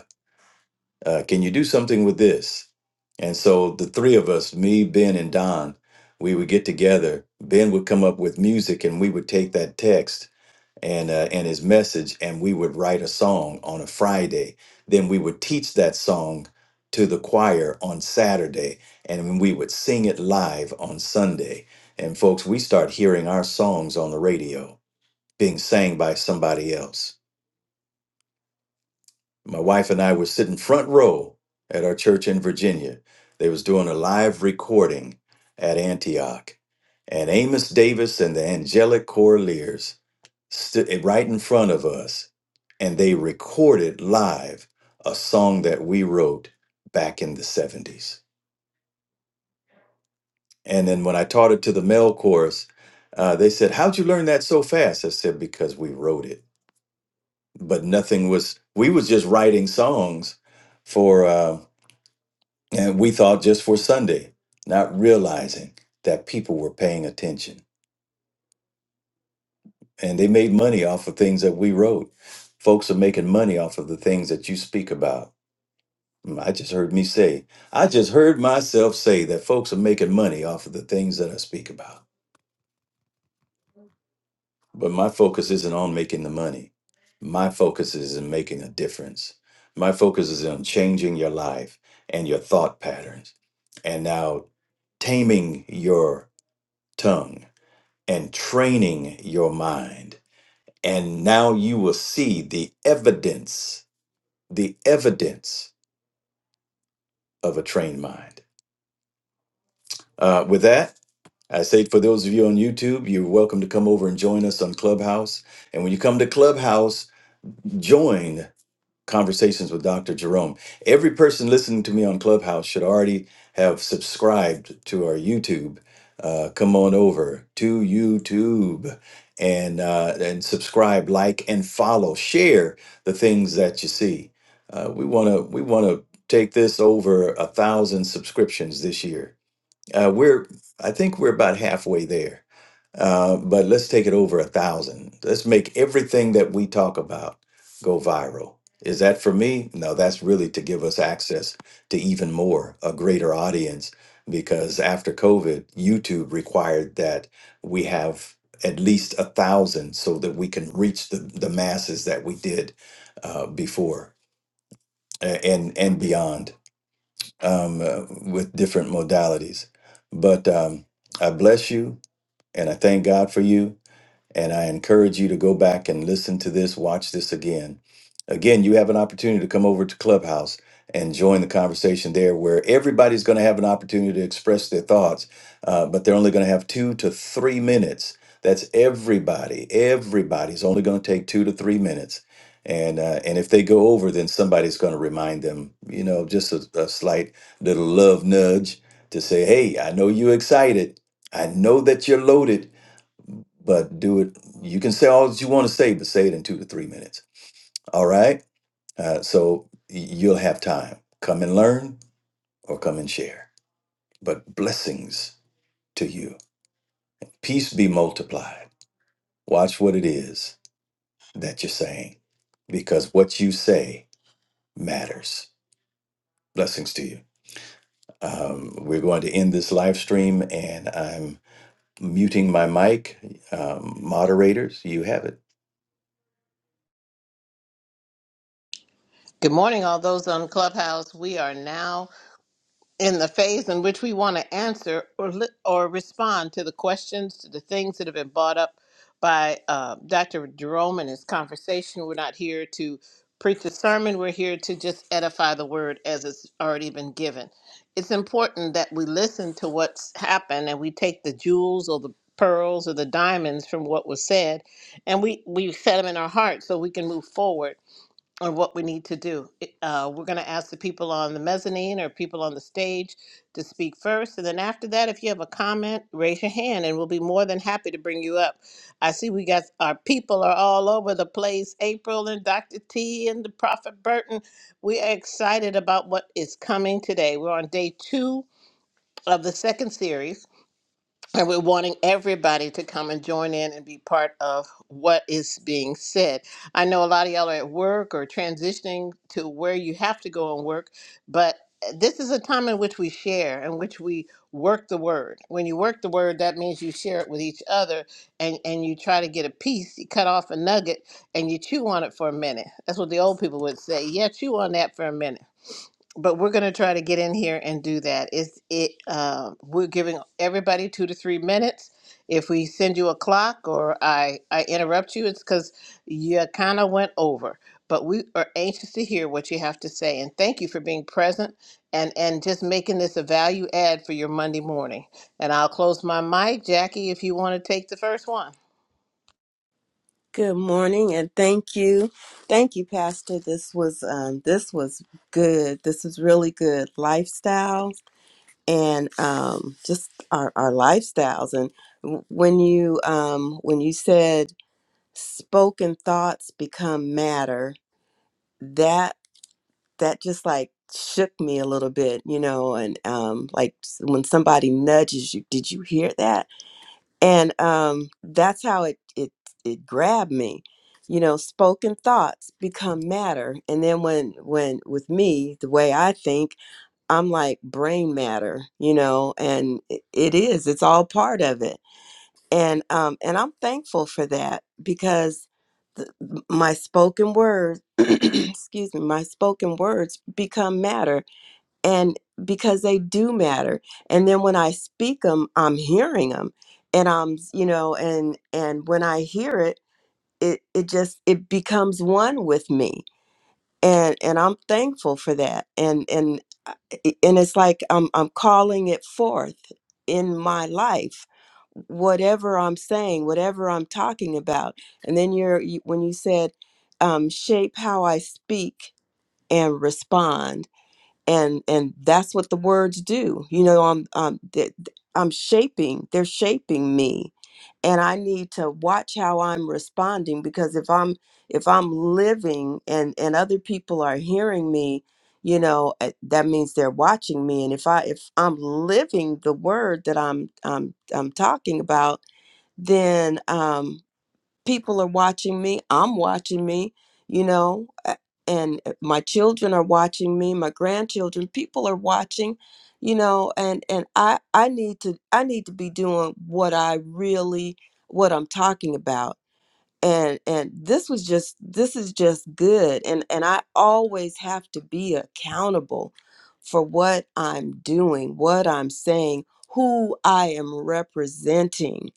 D: uh, can you do something with this?" And so the three of us, me, Ben, and Don, we would get together. Ben would come up with music, and we would take that text and uh, and his message and we would write a song on a friday then we would teach that song to the choir on saturday and we would sing it live on sunday and folks we start hearing our songs on the radio being sang by somebody else my wife and i were sitting front row at our church in virginia they was doing a live recording at antioch and amos davis and the angelic Choraleers stood eh, right in front of us and they recorded live a song that we wrote back in the 70s. And then when I taught it to the male chorus, uh, they said, "How'd you learn that so fast?" I said, "Because we wrote it." But nothing was. We was just writing songs for, uh, and we thought just for Sunday, not realizing that people were paying attention, and they made money off of things that we wrote. Folks are making money off of the things that you speak about Mm, I just heard me say, I just heard myself say that folks are making money off of the things that I speak about. But my focus isn't on making the money. My focus is in making a difference. My focus is on changing your life and your thought patterns. And now taming your tongue and training your mind. And now you will see the evidence, the evidence of a trained mind. Uh, with that, I say for those of you on YouTube, you're welcome to come over and join us on Clubhouse. And when you come to Clubhouse, join Conversations with Dr. Jerome. Every person listening to me on Clubhouse should already have subscribed to our YouTube. Uh, come on over to YouTube and uh, and subscribe, like, and follow. Share the things that you see. Uh, we wanna we wanna take this over a thousand subscriptions this year uh, we're, I think we're about halfway there, uh, but let's take it over a thousand. Let's make everything that we talk about go viral. Is that for me? No, that's really to give us access to even more, a greater audience, because after COVID, YouTube required that we have at least a thousand so that we can reach the, the masses that we did uh, before a- and and beyond um, uh, with different modalities. But um, I bless you and I thank God for you. And I encourage you to go back and listen to this, watch this again. Again, you have an opportunity to come over to Clubhouse and join the conversation there, where everybody's going to have an opportunity to express their thoughts, uh, but they're only going to have two to three minutes. That's everybody. Everybody's only going to take two to three minutes. And, uh, and if they go over, then somebody's going to remind them, you know, just a, a slight little love nudge to say, hey, I know you're excited. I know that you're loaded but do it. You can say all that you want to say, but say it in two to three minutes. All right. Uh, so y- you'll have time. Come and learn or come and share. But blessings to you. Peace be multiplied. Watch what it is that you're saying because what you say matters. Blessings to you. Um, we're going to end this live stream and I'm muting my mic. Um, moderators, you have it.
B: Good morning, all those on Clubhouse. We are now in the phase in which we want to answer or li- or respond to the questions to the things that have been brought up by uh, Dr. Jerome in his conversation. We're not here to preach a sermon. We're here to just edify the word as it's already been given. It's important that we listen to what's happened and we take the jewels or the pearls or the diamonds from what was said and we we set them in our heart so we can move forward on what we need to do. It- Uh, we're going to ask the people on the mezzanine or people on the stage to speak first. And then after that, if you have a comment, raise your hand and we'll be more than happy to bring you up. I see we got our people are all over the place April and Dr. T and the Prophet Burton. We are excited about what is coming today. We're on day two of the second series. And we're wanting everybody to come and join in and be part of what is being said. I know a lot of y'all are at work or transitioning to where you have to go and work, but eh, this is a time in which we share, in which we work the word. When you work the word, that means you share it with each other and, and you try to get a piece, you cut off a nugget and you chew on it for a minute. That's what the old people would say. Yeah, chew on that for a minute but we're going to try to get in here and do that. It's it. Uh, we're giving everybody two to three minutes. If we send you a clock or I I interrupt you, it's because you kind of went over. But we are anxious to hear what you have to say, and thank you for being present and and just making this a value add for your Monday morning. And I'll close my mic, Jackie, if you want to take the first one.
C: Good morning and thank you. Thank you pastor. This was um this was good. This is really good lifestyle and um just our our lifestyles and w- when you um when you said spoken thoughts become matter, that that just like shook me a little bit, you know, and um like s- when somebody nudges you, did you hear that? and um, that's how it it it grabbed me you know spoken thoughts become matter and then when when with me the way i think i'm like brain matter you know and i- it is it's all part of it and um and i'm thankful for that because the, my spoken words excuse me my spoken words become matter and because they do matter and then when i speak them i'm hearing them and i'm you know and and when i hear it it it just it becomes one with me and and i'm thankful for that and and and it's like i'm i'm calling it forth in my life whatever i'm saying whatever i'm talking about and then you're you, when you said um shape how i speak and respond and and that's what the words do you know i'm um i'm shaping they're shaping me and i need to watch how i'm responding because if i'm if i'm living and and other people are hearing me you know eh, that means they're watching me and if i if i'm living the word that i'm i'm i'm talking about then um people are watching me i'm watching me you know a- and uh, my children are watching me my grandchildren people are watching you know and and i i need to i need to be doing what i really what i'm talking about and and this was just this is just good and and i always have to be accountable for what i'm doing what i'm saying who i am representing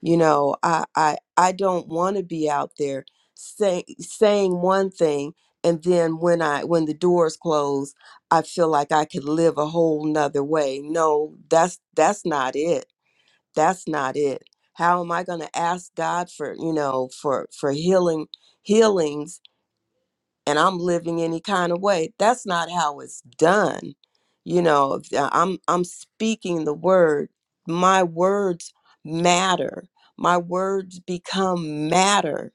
C: you know, I I I don't want to be out there say, saying one thing and then when I when the doors close, I feel like I could live a whole nother way. No, that's that's not it. That's not it. How am I going to ask God for, you know, for for healing healings and I'm living any kind of way. That's not how it's done. You know, if, uh, I'm I'm speaking the word. My words matter. My words become matter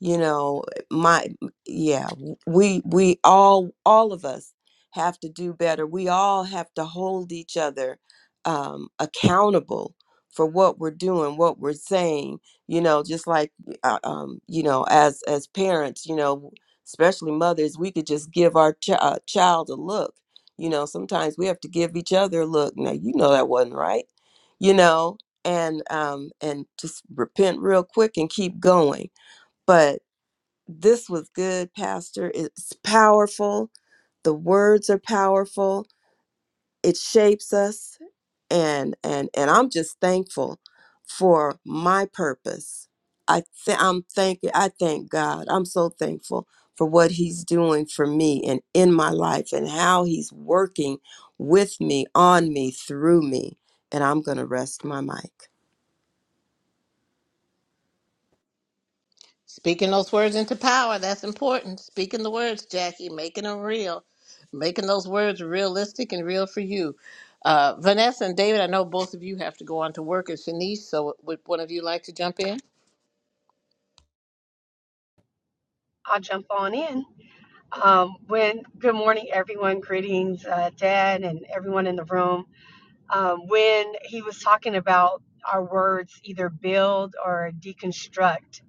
C: you know my yeah we we all all of us have to do better we all have to hold each other um accountable for what we're doing what we're saying you know just like uh, um you know as as parents you know especially mothers we could just give our ch- uh, child a look you know sometimes we have to give each other a look now you know that wasn't right you know and um and just repent real quick and keep going but this was good, Pastor. It's powerful. The words are powerful. It shapes us and and and I'm just thankful for my purpose. I th- I'm thank I thank God. I'm so thankful for what he's doing for me and in my life and how he's working with me, on me, through me. And I'm going to rest my mic.
B: Speaking those words into power, that's important. Speaking the words, Jackie, making them real, making those words realistic and real for you. Uh, Vanessa and David, I know both of you have to go on to work at Shanice, so would one of you like to jump in?
E: I'll jump on in. Um, when good morning, everyone. Greetings, uh, Dad, and everyone in the room. Um, when he was talking about our words, either build or deconstruct.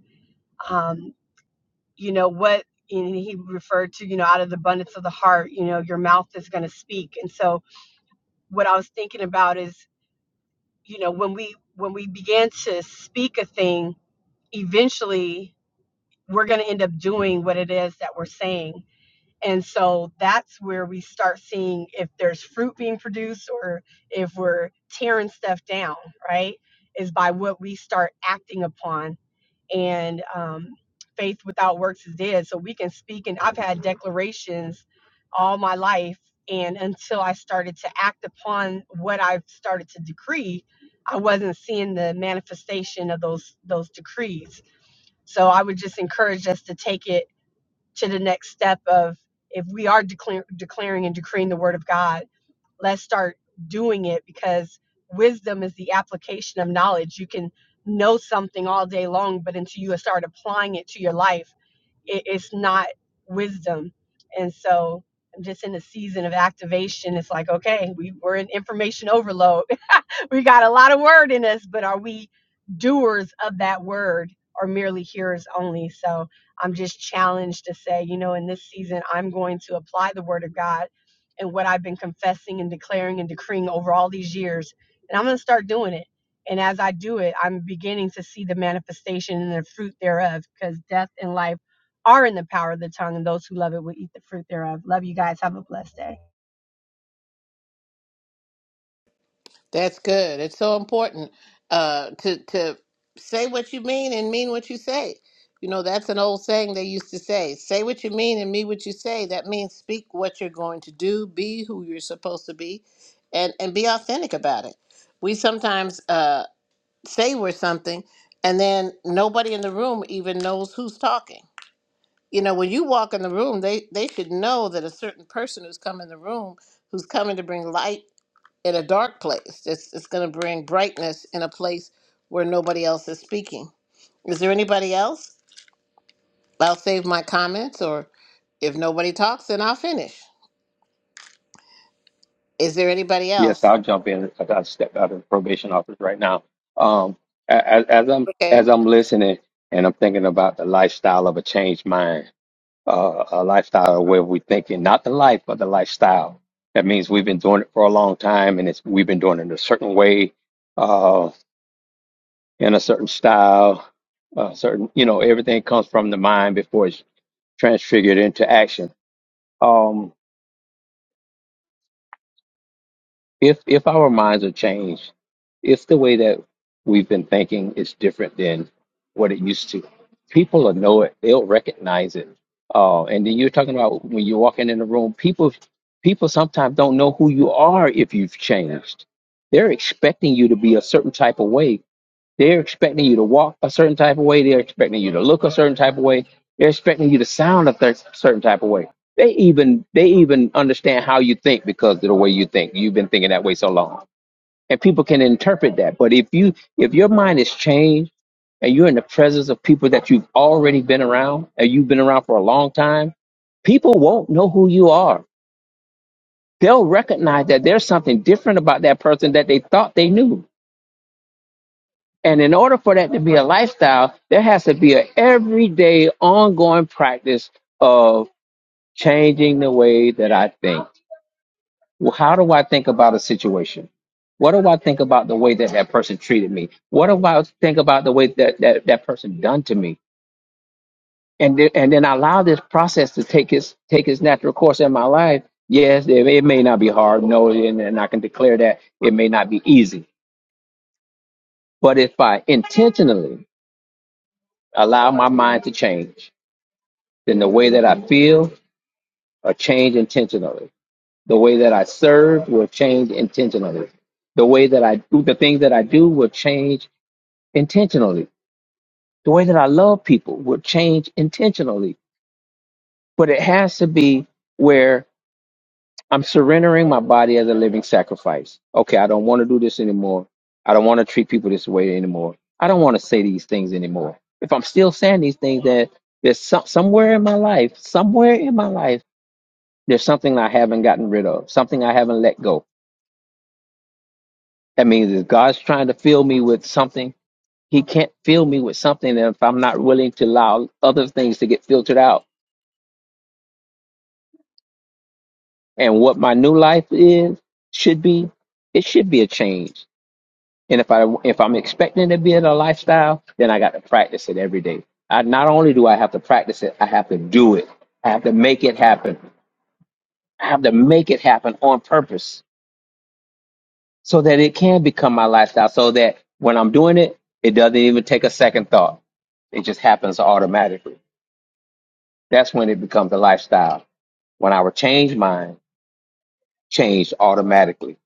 E: Um, you know what? And he referred to, you know, out of the abundance of the heart, you know, your mouth is going to speak. And so, what I was thinking about is, you know, when we when we begin to speak a thing, eventually we're going to end up doing what it is that we're saying And so that's where we start seeing if there's fruit being produced or if we're tearing stuff down, right? Is by what we start acting upon. And um, faith without works is dead. So we can speak, and I've had declarations all my life. And until I started to act upon what I've started to decree, I wasn't seeing the manifestation of those those decrees. So I would just encourage us to take it to the next step of if we are declar- declaring and decreeing the word of God, let's start doing it because wisdom is the application of knowledge. You can know something all day long, but until you start applying it to your life, it, it's not wisdom. And so I'm just in a season of activation. It's like, okay, we, we're in information overload we got a lot of word in us, but are we doers of that word or merely hearers only? So I'm just challenged to say, you know, in this season, I'm going to apply the word of God and what I've been confessing and declaring and decreeing over all these years. And I'm going to start doing it. And as I do it, I'm beginning to see the manifestation and the fruit thereof because death and life are in the power of the tongue, and those who love it will eat the fruit thereof. Love you guys. Have a blessed day.
B: That's good. It's so important uh, to to say what you mean and mean what you say. You know, that's an old saying they used to say: "Say what you mean and mean what you say." That means speak what you're going to do, be who you're supposed to be, and and be authentic about it. We sometimes uh, say we're something, and then nobody in the room even knows who's talking. You know, when you walk in the room, they they should know that a certain person who's come in the room, who's coming to bring light in a dark place. It's, it's going to bring brightness in a place where nobody else is speaking. Is there anybody else? I'll save my comments, or if nobody talks, then I'll finish. Is there anybody
F: Yes,
B: else?
F: I'll jump in. because I got step out of the probation office right now. Um, as, as I'm
B: Okay,
F: as I'm listening and I'm thinking about the lifestyle of a changed mind, uh, a lifestyle where we're thinking not the life but the lifestyle. That means we've been doing it for a long time, and it's we've been doing it a certain way, uh, in a certain style, a certain you know everything comes from the mind before it's transfigured into action. Um, if if our minds are changed, if the way that we've been thinking is different than what it used to, people will know it. They'll recognize it. Uh, and then you're talking about when you're walking in a room, people people sometimes don't know who you are if you've changed. They're expecting you to be a certain type of way they're expecting you to walk a certain type of way. They're expecting you to look a certain type of way. They're expecting you to sound a th- certain type of way. They even they even understand how you think because of the way you think. You've been thinking that way so long, and people can interpret that. But if you if your mind is changed and you're in the presence of people that you've already been around and you've been around for a long time, people won't know who you are. They'll recognize that there's something different about that person that they thought they knew And in order for that to be a lifestyle, there has to be an everyday, ongoing practice of changing the way that I think. Well, how do I think about a situation? What do I think about the way that that person treated me? What do I think about the way that that, that person done to me? And then, and then allow this process to take its take its natural course in my life. Yes, it, it may not be hard. No, and, and I can declare that it may not be easy. But if I intentionally allow my mind to change, then the way that I feel will change intentionally. The way that I serve will change intentionally. The way that I do the things that I do will change intentionally. The way that I love people will change intentionally. But it has to be where I'm surrendering my body as a living sacrifice. Okay, I don't want to do this anymore. I don't want to treat people this way anymore. I don't want to say these things anymore. If I'm still saying these things that there's some, somewhere in my life, somewhere in my life There's something I haven't gotten rid of, something I haven't let go. That means if God's trying to fill me with something, He can't fill me with something if I'm not willing to allow other things to get filtered out. And what my new life is should be, it should be a change. And if I if I'm expecting to be in a lifestyle, then I got to practice it every day. I not only do I have to practice it, I have to do it. I have to make it happen. I have to make it happen on purpose so that it can become my lifestyle so that when I'm doing it, it doesn't even take a second thought. It just happens automatically. That's when it becomes a lifestyle. When our change mind changed automatically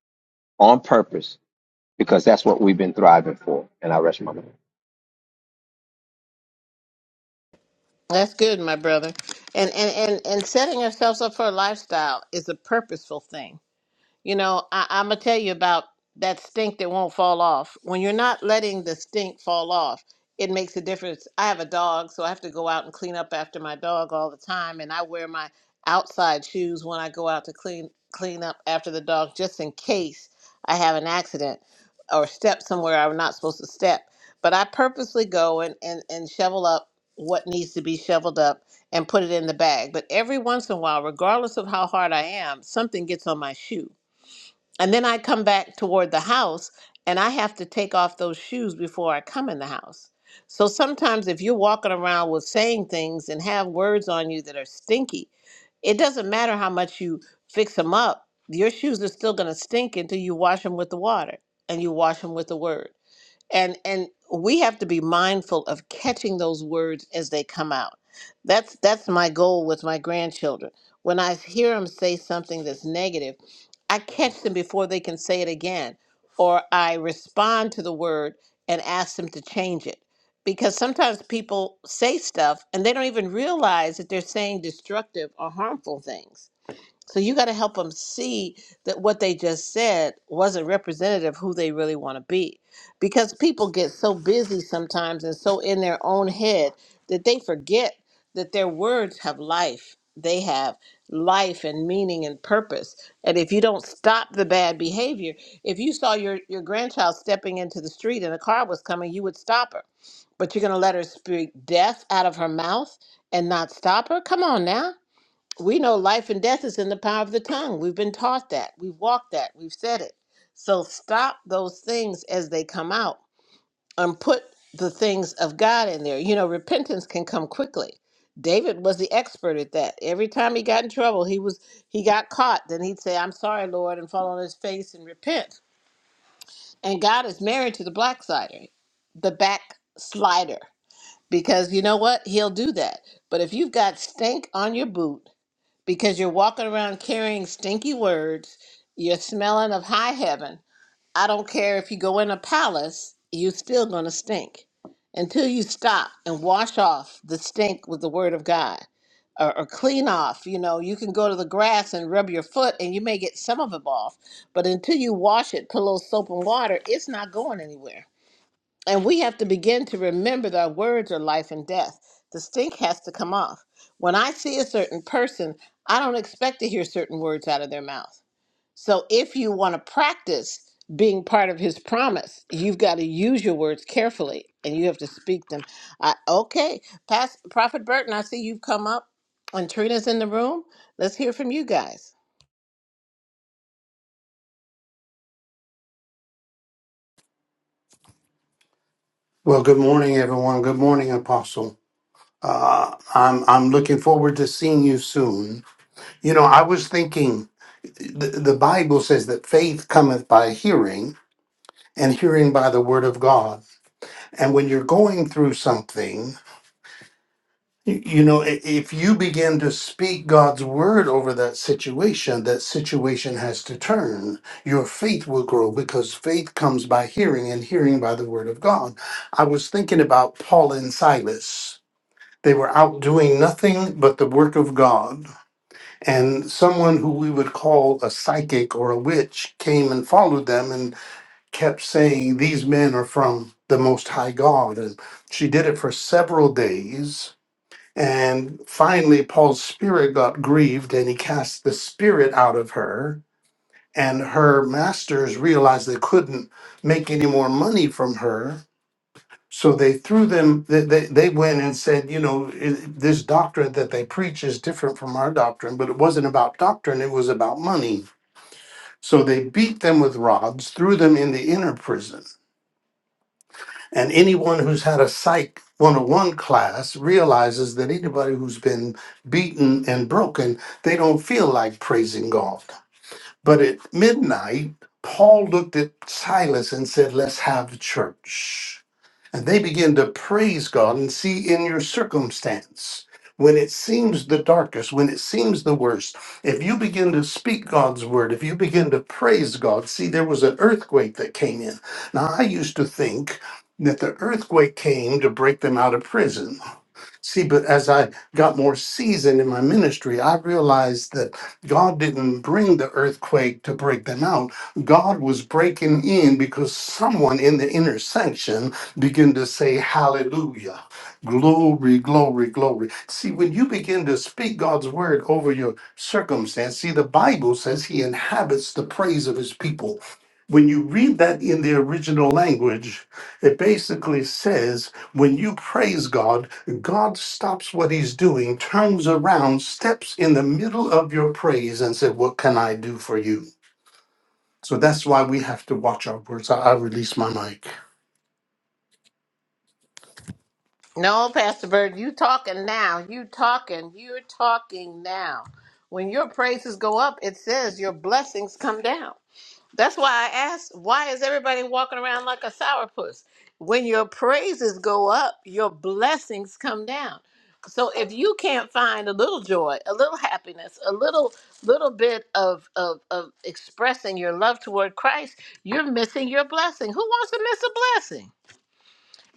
F: on purpose because that's what we've been thriving for. And I rest my mind.
B: that's good, my brother. And and and and setting ourselves up for a lifestyle is a purposeful thing. You know, I, I'm gonna tell you about that stink that won't fall off. When you're not letting the stink fall off, it makes a difference. I have a dog, so I have to go out and clean up after my dog all the time, and I wear my outside shoes when I go out to clean clean up after the dog, just in case I have an accident or step somewhere I'm not supposed to step. But I purposely go and, and, and shovel up what needs to be shoveled up and put it in the bag. But every once in a while, regardless of how hard I am, something gets on my shoe and then I come back toward the house and I have to take off those shoes before I come in the house. So sometimes if you're walking around with saying things and have words on you that are stinky, it doesn't matter how much you fix them up, your shoes are still going to stink until you wash them with the water and you wash them with the word and and we have to be mindful of catching those words as they come out that's that's my goal with my grandchildren when i hear them say something that's negative i catch them before they can say it again or i respond to the word and ask them to change it because sometimes people say stuff and they don't even realize that they're saying destructive or harmful things so you got to help them see that what they just said wasn't representative of who they really want to be. Because people get so busy sometimes and so in their own head that they forget that their words have life. They have life and meaning and purpose. And if you don't stop the bad behavior, if you saw your, your grandchild stepping into the street and a car was coming, you would stop her. But you're going to let her speak death out of her mouth and not stop her? Come on now we know life and death is in the power of the tongue. We've been taught that. We've walked that. We've said it. So stop those things as they come out and put the things of God in there. You know, repentance can come quickly. David was the expert at that. Every time he got in trouble, he was he got caught. Then he'd say, "I'm sorry, Lord," and fall on his face and repent. And God is married to the blackslider, the backslider, because you know what? He'll do that. But if you've got stink on your boot because you're walking around carrying stinky words. You're smelling of high heaven. I don't care if you go in a palace, you're still going to stink until you stop and wash off the stink with the word of God or, or clean off. You know, you can go to the grass and rub your foot and you may get some of it off, but until you wash it, put a little soap and water, it's not going anywhere. And we have to begin to remember that our words are life and death. The stink has to come off. When I see a certain person, I don't expect to hear certain words out of their mouth. So if you want to practice being part of his promise, you've got to use your words carefully and you have to speak them. I, okay, Past, Prophet Burton, I see you've come up and Trina's in the room. Let's hear from you guys.
G: Well, good morning, everyone. Good morning, Apostle. Uh, I'm I'm looking forward to seeing you soon. You know, I was thinking the, the Bible says that faith cometh by hearing, and hearing by the word of God. And when you're going through something, you, you know, i- if you begin to speak God's word over that situation, that situation has to turn. Your faith will grow because faith comes by hearing, and hearing by the word of God. I was thinking about Paul and Silas They were out doing nothing but the work of God. And someone who we would call a psychic or a witch came and followed them and kept saying, These men are from the Most High God. And she did it for several days. And finally, Paul's spirit got grieved and he cast the spirit out of her. And her masters realized they couldn't make any more money from her so they threw them, they, they, they went and said, you know, i- this doctrine that they preach is different from our doctrine, but it wasn't about doctrine, it was about money. So they beat them with rods, threw them in the inner prison. And anyone who's had a Psych 101 class realizes that anybody who's been beaten and broken, they don't feel like praising God. But at midnight, Paul looked at Silas and said, let's have church. And they begin to praise God and see in your circumstance when it seems the darkest, when it seems the worst. If you begin to speak God's word, if you begin to praise God, see, there was an earthquake that came in. Now, I used to think that the earthquake came to break them out of prison. See, but as I got more seasoned in my ministry, I realized that God didn't bring the earthquake to break them out. God was breaking in because someone in the intersection began to say, Hallelujah. Glory, glory, glory. See, when you begin to speak God's word over your circumstance, see, the Bible says he inhabits the praise of his people. When you read that in the original language, it basically says, when you praise God, God stops what he's doing, turns around, steps in the middle of your praise and said, What can I do for you? So that's why we have to watch our words. I, I release my mic.
B: No, Pastor Bird, you talking now. You talking. You're talking now. When your praises go up, it says your blessings come down. That's why I asked, why is everybody walking around like a sourpuss? When your praises go up, your blessings come down. So if you can't find a little joy, a little happiness, a little little bit of of, of expressing your love toward Christ, you're missing your blessing. Who wants to miss a blessing?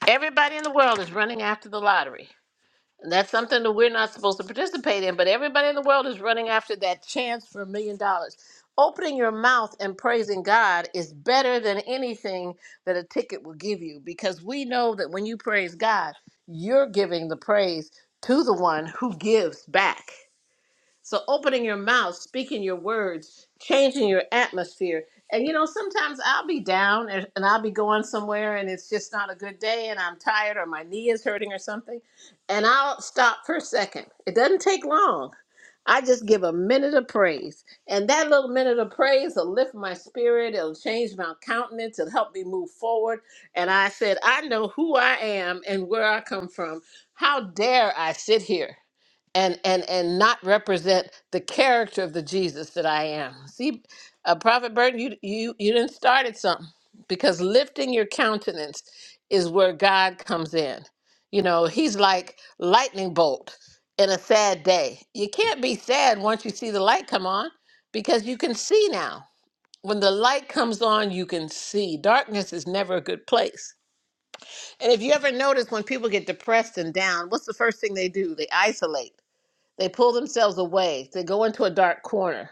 B: Everybody in the world is running after the lottery. That's something that we're not supposed to participate in, but everybody in the world is running after that chance for a million dollars. Opening your mouth and praising God is better than anything that a ticket will give you because we know that when you praise God, you're giving the praise to the one who gives back. So opening your mouth, speaking your words, changing your atmosphere. And you know, sometimes I'll be down and, and I'll be going somewhere and it's just not a good day and I'm tired or my knee is hurting or something. And I'll stop for a second. It doesn't take long. I just give a minute of praise. And that little minute of praise will lift my spirit. It'll change my countenance. It'll help me move forward. And I said, I know who I am and where I come from. How dare I sit here? and and and not represent the character of the Jesus that I am. See, uh, Prophet Burton, you you you didn't start at something because lifting your countenance is where God comes in. You know, He's like lightning bolt in a sad day. You can't be sad once you see the light come on because you can see now. When the light comes on, you can see. Darkness is never a good place. And if you ever notice when people get depressed and down, what's the first thing they do? They isolate they pull themselves away. They go into a dark corner.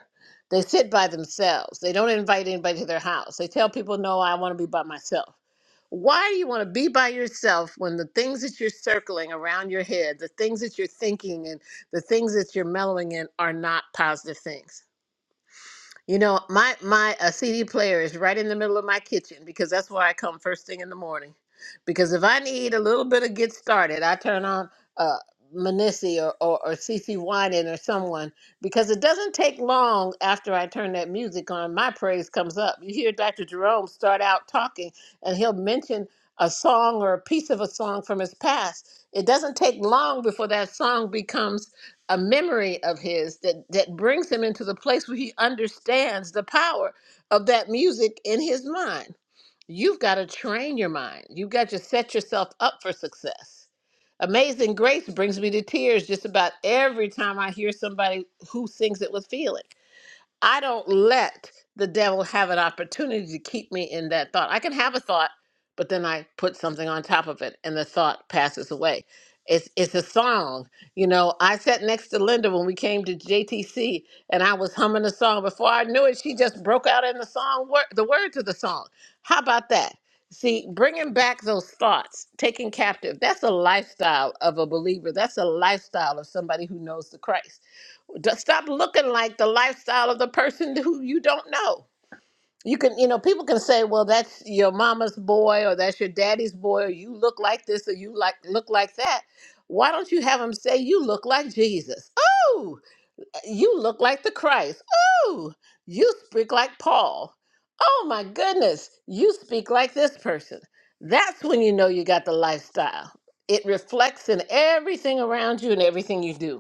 B: They sit by themselves. They don't invite anybody to their house. They tell people, no, I want to be by myself. Why do you want to be by yourself when the things that you're circling around your head, the things that you're thinking, and the things that you're mellowing in are not positive things? You know, my my uh, CD player is right in the middle of my kitchen because that's where I come first thing in the morning. Because if I need a little bit of get started, I turn on uh, Manissi or, or or CC Winan or someone because it doesn't take long after I turn that music on. My praise comes up. You hear Dr. Jerome start out talking, and he'll mention a song or a piece of a song from his past. It doesn't take long before that song becomes a memory of his that that brings him into the place where he understands the power of that music in his mind. You've got to train your mind. You've got to set yourself up for success. Amazing Grace brings me to tears just about every time I hear somebody who sings it with feeling. I don't let the devil have an opportunity to keep me in that thought. I can have a thought, but then I put something on top of it and the thought passes away. It's it's a song. You know, I sat next to Linda when we came to JTC and I was humming a song. Before I knew it, she just broke out in the song wor- the words of the song. How about that? See, bringing back those thoughts, taking captive, that's a lifestyle of a believer. That's a lifestyle of somebody who knows the Christ just Stop looking like the lifestyle of the person who you don't know. You can, you know, people can say, "Well, that's your mama's boy, or that's your daddy's boy, or you look like this, or you like look like that." Why don't you have them say, "You look like Jesus"? Oh, you look like the Christ. Oh, you speak like Paul. Oh my goodness, you speak like this person. That's when you know you got the lifestyle. It reflects in everything around you and everything you do.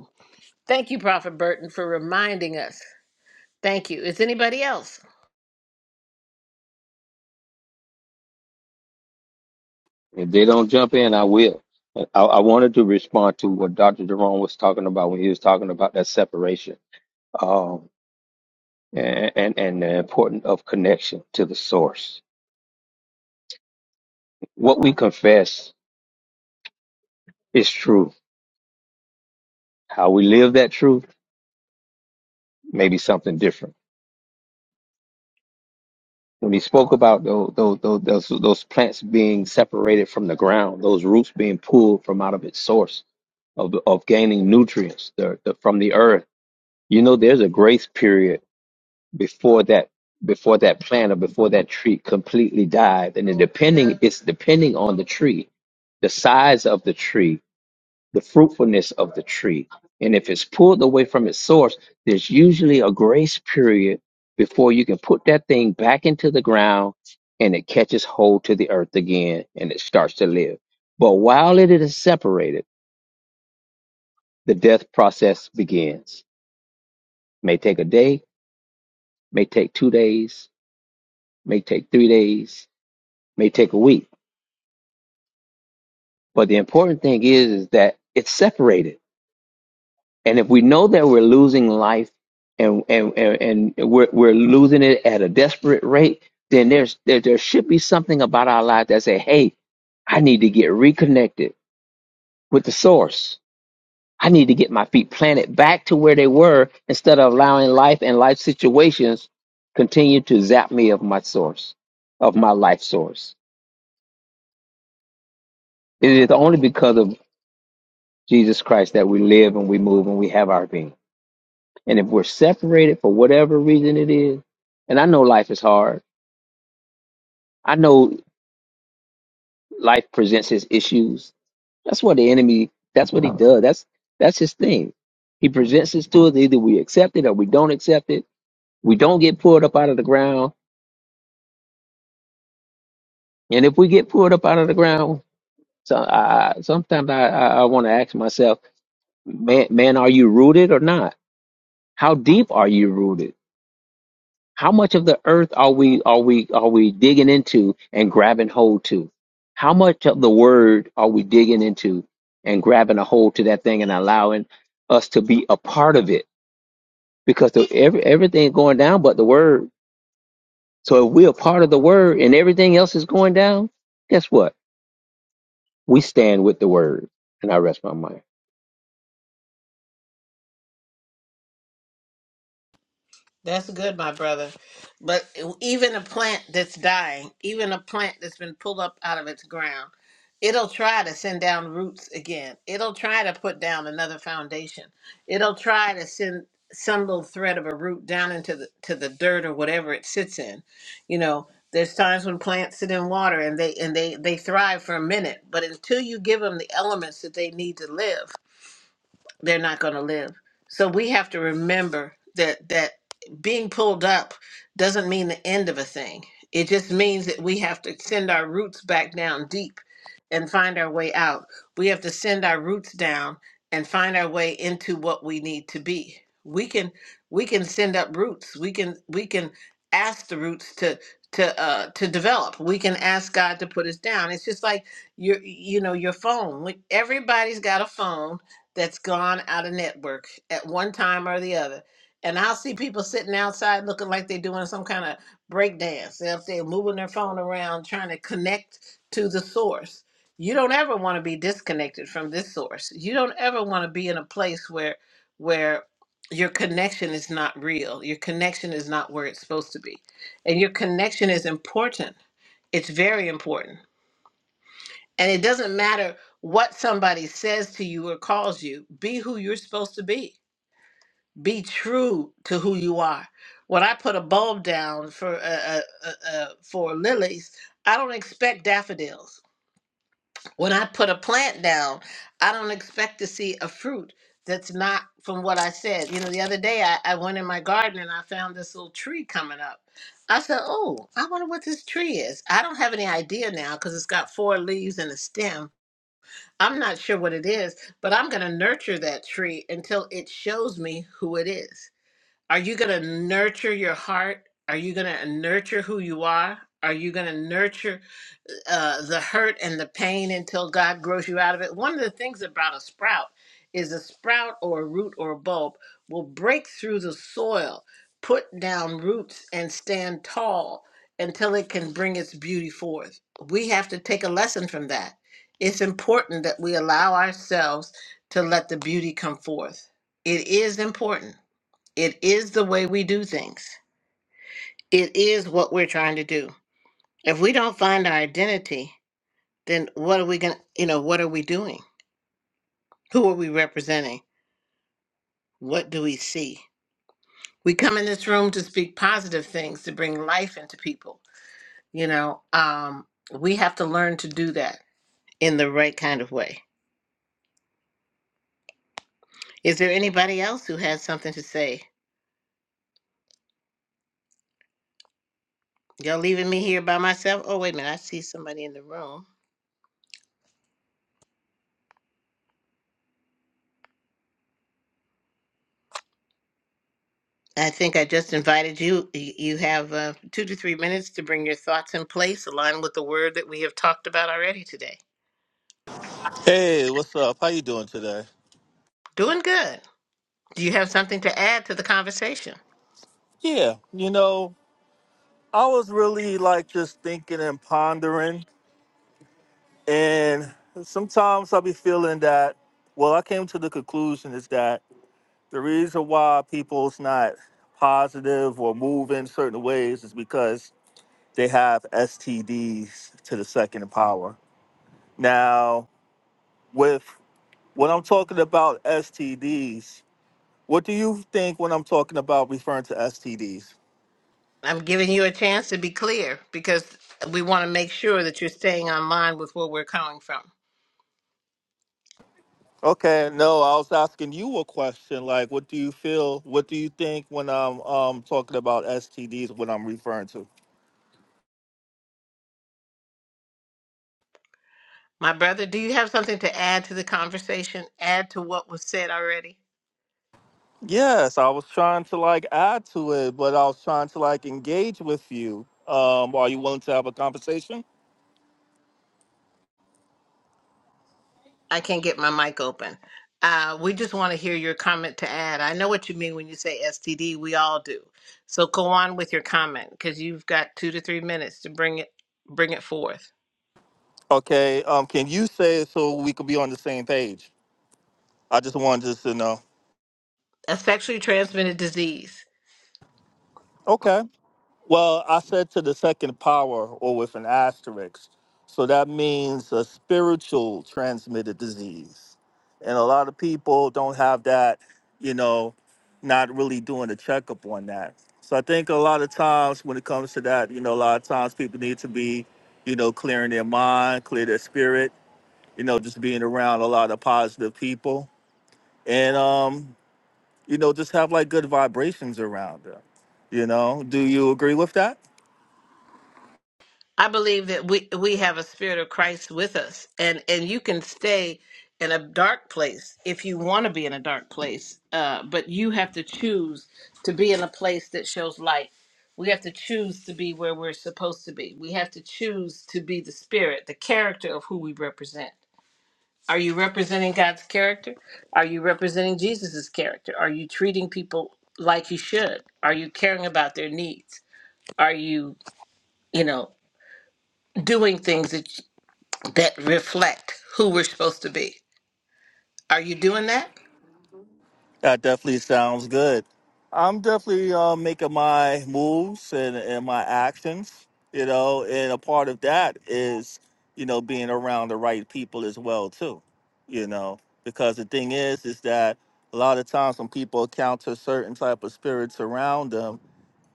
B: Thank you, Prophet Burton, for reminding us. Thank you. Is anybody else?
F: If they don't jump in, I will. I, I wanted to respond to what Dr. Jerome was talking about when he was talking about that separation um, and, and, and the importance of connection to the source. What we confess is true How we live that truth may be something different. When he spoke about those, those, those, those plants being separated from the ground, those roots being pulled from out of its source, of, of gaining nutrients the, the, from the earth, you know, there's a grace period before that before that plant or before that tree completely dies, And it depending it's depending on the tree, the size of the tree the fruitfulness of the tree. And if it's pulled away from its source, there's usually a grace period before you can put that thing back into the ground and it catches hold to the earth again and it starts to live. But while it is separated, the death process begins. May take a day, may take two days, may take three days, may take a week. But the important thing is, is that it's separated And if we know that we're losing life and and and, and we're we're losing it at a desperate rate, then there's there, there should be something about our lives that say, "Hey, I need to get reconnected with the source. I need to get my feet planted back to where they were instead of allowing life and life situations continue to zap me of my source, of my life source." It is only because of Jesus Christ that we live and we move and we have our being. And if we're separated for whatever reason it is, and I know life is hard. I know life presents his issues. That's what the enemy, that's what he does. That's that's his thing. He presents this to us. Either we accept it or we don't accept it. We don't get pulled up out of the ground. And if we get pulled up out of the ground, so I, I- sometimes I, I, I want to ask myself, man, man, are you rooted or not? How deep are you rooted? How much of the earth are we are we are we digging into and grabbing hold to? How much of the word are we digging into and grabbing a hold to that thing and allowing us to be a part of it? Because the, every everything going down but the word. So if we're a part of the word and everything else is going down, guess what? We stand with the word. And I rest my mind.
B: That's good, my brother. But even a plant that's dying, even a plant that's been pulled up out of its ground, it'll try to send down roots again. It'll try to put down another foundation. It'll try to send some little thread of a root down into the to the dirt or whatever it sits in. You know, there's times when plants sit in water and they and they they thrive for a minute, but until you give them the elements that they need to live, they're not going to live. So we have to remember that that being pulled up doesn't mean the end of a thing. It just means that we have to send our roots back down deep and find our way out. We have to send our roots down and find our way into what we need to be. We can we can send up roots. We can we can ask the roots to to uh to develop. We can ask God to put us down. It's just like your you know your phone. Like, Everybody's got a phone that's gone out of network at one time or the other. And I'll see people sitting outside looking like they're doing some kind of break dance. They're up there moving their phone around trying to connect to the source. You don't ever want to be disconnected from this source. You don't ever want to be in a place where where your connection is not real. Your connection is not where it's supposed to be. And your connection is important. It's very important and it doesn't matter what somebody says to you or calls you, be who you're supposed to be. Be true to who you are. When I put a bulb down for uh, uh, uh, uh, for lilies, I don't expect daffodils. When I put a plant down, I don't expect to see a fruit that's not from what I said. You know, the other day I, I went in my garden and I found this little tree coming up. I said, "Oh, I wonder what this tree is." I don't have any idea now because it's got four leaves and a stem I'm not sure what it is, but I'm going to nurture that tree until it shows me who it is. Are you going to nurture your heart? Are you going to nurture who you are? Are you going to nurture? uh, the hurt and the pain until God grows you out of it. One of the things about a sprout is a sprout or a root or a bulb will break through the soil, put down roots, and stand tall until it can bring its beauty forth. We have to take a lesson from that. It's important that we allow ourselves to let the beauty come forth. It is important. It is the way we do things. It is what we're trying to do. If we don't find our identity, then what are we going to, you know, what are we doing? Who are we representing? What do we see? We come in this room to speak positive things, to bring life into people. You know, um, we have to learn to do that in the right kind of way. Is there anybody else who has something to say? Y'all leaving me here by myself? Oh, wait a minute. I see somebody in the room. I think I just invited you. Y- You have uh, two to three minutes to bring your thoughts in place, aligned with the word that we have talked about already today.
H: Hey, what's up? How you doing today?
B: Doing good. Do you have something to add to the conversation?
H: Yeah, you know, I was really like just thinking and pondering, and sometimes I'll be feeling that. Well, I came to the conclusion is that the reason why people's not positive or move in certain ways is because they have STDs to the second power. Now, with when I'm talking about STDs, what do you think when I'm talking about referring to STDs?
B: I'm giving you a chance to be clear because we want to make sure that you're staying on line with where we're coming from.
H: Okay, no, I was asking you a question. Like, what do you feel? What do you think when I'm um talking about STDs? What I'm referring to?
B: My brother, do you have something to add to the conversation? Add to what was said already?
H: Yes, I was trying to like add to it, but I was trying to like engage with you. Um, are you willing to have a conversation?
B: I can't get my mic open. Uh, we just want to hear your comment to add. I know what you mean when you say STD. We all do. So go on with your comment because you've got two to three minutes to bring it bring it forth.
H: Okay. Um, can you say it so we could be on the same page? I just wanted just to know.
B: A sexually transmitted disease.
H: Okay. Well, I said to the second power or with an asterisk. So that means a spiritual transmitted disease. And a lot of people don't have that, you know, not really doing a checkup on that. So I think a lot of times when it comes to that, you know, a lot of times people need to be, you know, clearing their mind, clear their spirit, you know, just being around a lot of positive people and, um, you know, just have like good vibrations around them. You know, do you agree with that?
B: I believe that we we have a spirit of Christ with us, and and you can stay in a dark place if you want to be in a dark place, uh, but you have to choose to be in a place that shows light. We have to choose to be where we're supposed to be. We have to choose to be the spirit, the character of who we represent. Are you representing God's character? Are you representing Jesus's character? Are you treating people like you should? Are you caring about their needs? Are you, you know, doing things that that reflect who we're supposed to be. Are you doing that?
H: That definitely sounds good. I'm definitely uh, making my moves and, and my actions, you know, and a part of that is, you know, being around the right people as well too, you know, because the thing is, is that a lot of times when people encounter certain type of spirits around them,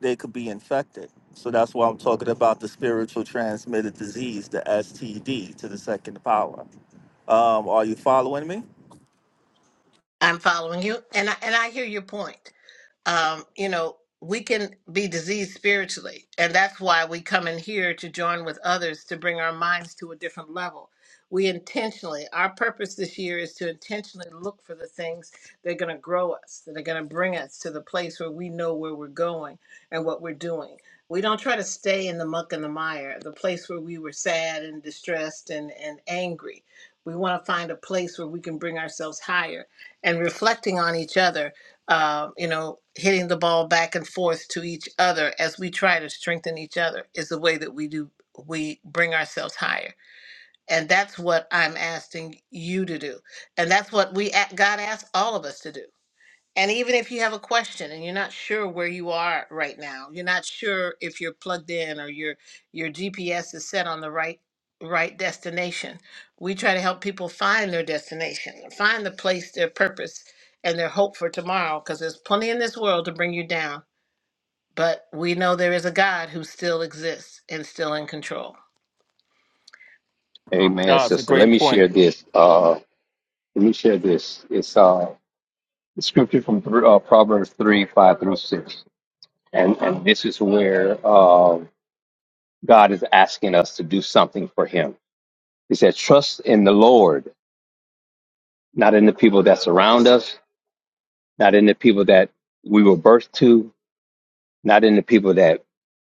H: they could be infected. So that's why I'm talking about the spiritual transmitted disease, the STD, to the second power. Um, are you following me?
B: I'm following you, and I, and I hear your point. um, you know, we can be diseased spiritually. And that's why we come in here to join with others to bring our minds to a different level. We intentionally, our purpose this year is to intentionally look for the things that are going to grow us, that are going to bring us to the place where we know where we're going and what we're doing. We don't try to stay in the muck and the mire, the place where we were sad and distressed and, and angry. We want to find a place where we can bring ourselves higher and reflecting on each other uh, you know, hitting the ball back and forth to each other as we try to strengthen each other is the way that we do we bring ourselves higher. And that's what I'm asking you to do. And that's what we a- God asked all of us to do. And even if you have a question and you're not sure where you are right now, you're not sure if you're plugged in or your your GPS is set on the right right destination. We try to help people find their destination, find the place, their purpose, and their hope for tomorrow because there's plenty in this world to bring you down, but we know there is a God who still exists and still in control.
F: Amen, sister. Let me share this. Uh, let me share this. It's uh, the scripture from uh, Proverbs three five through six. And, and this is where um, God is asking us to do something for Him. He said, Trust in the Lord, not in the people that surround us, not in the people that we were birthed to, not in the people that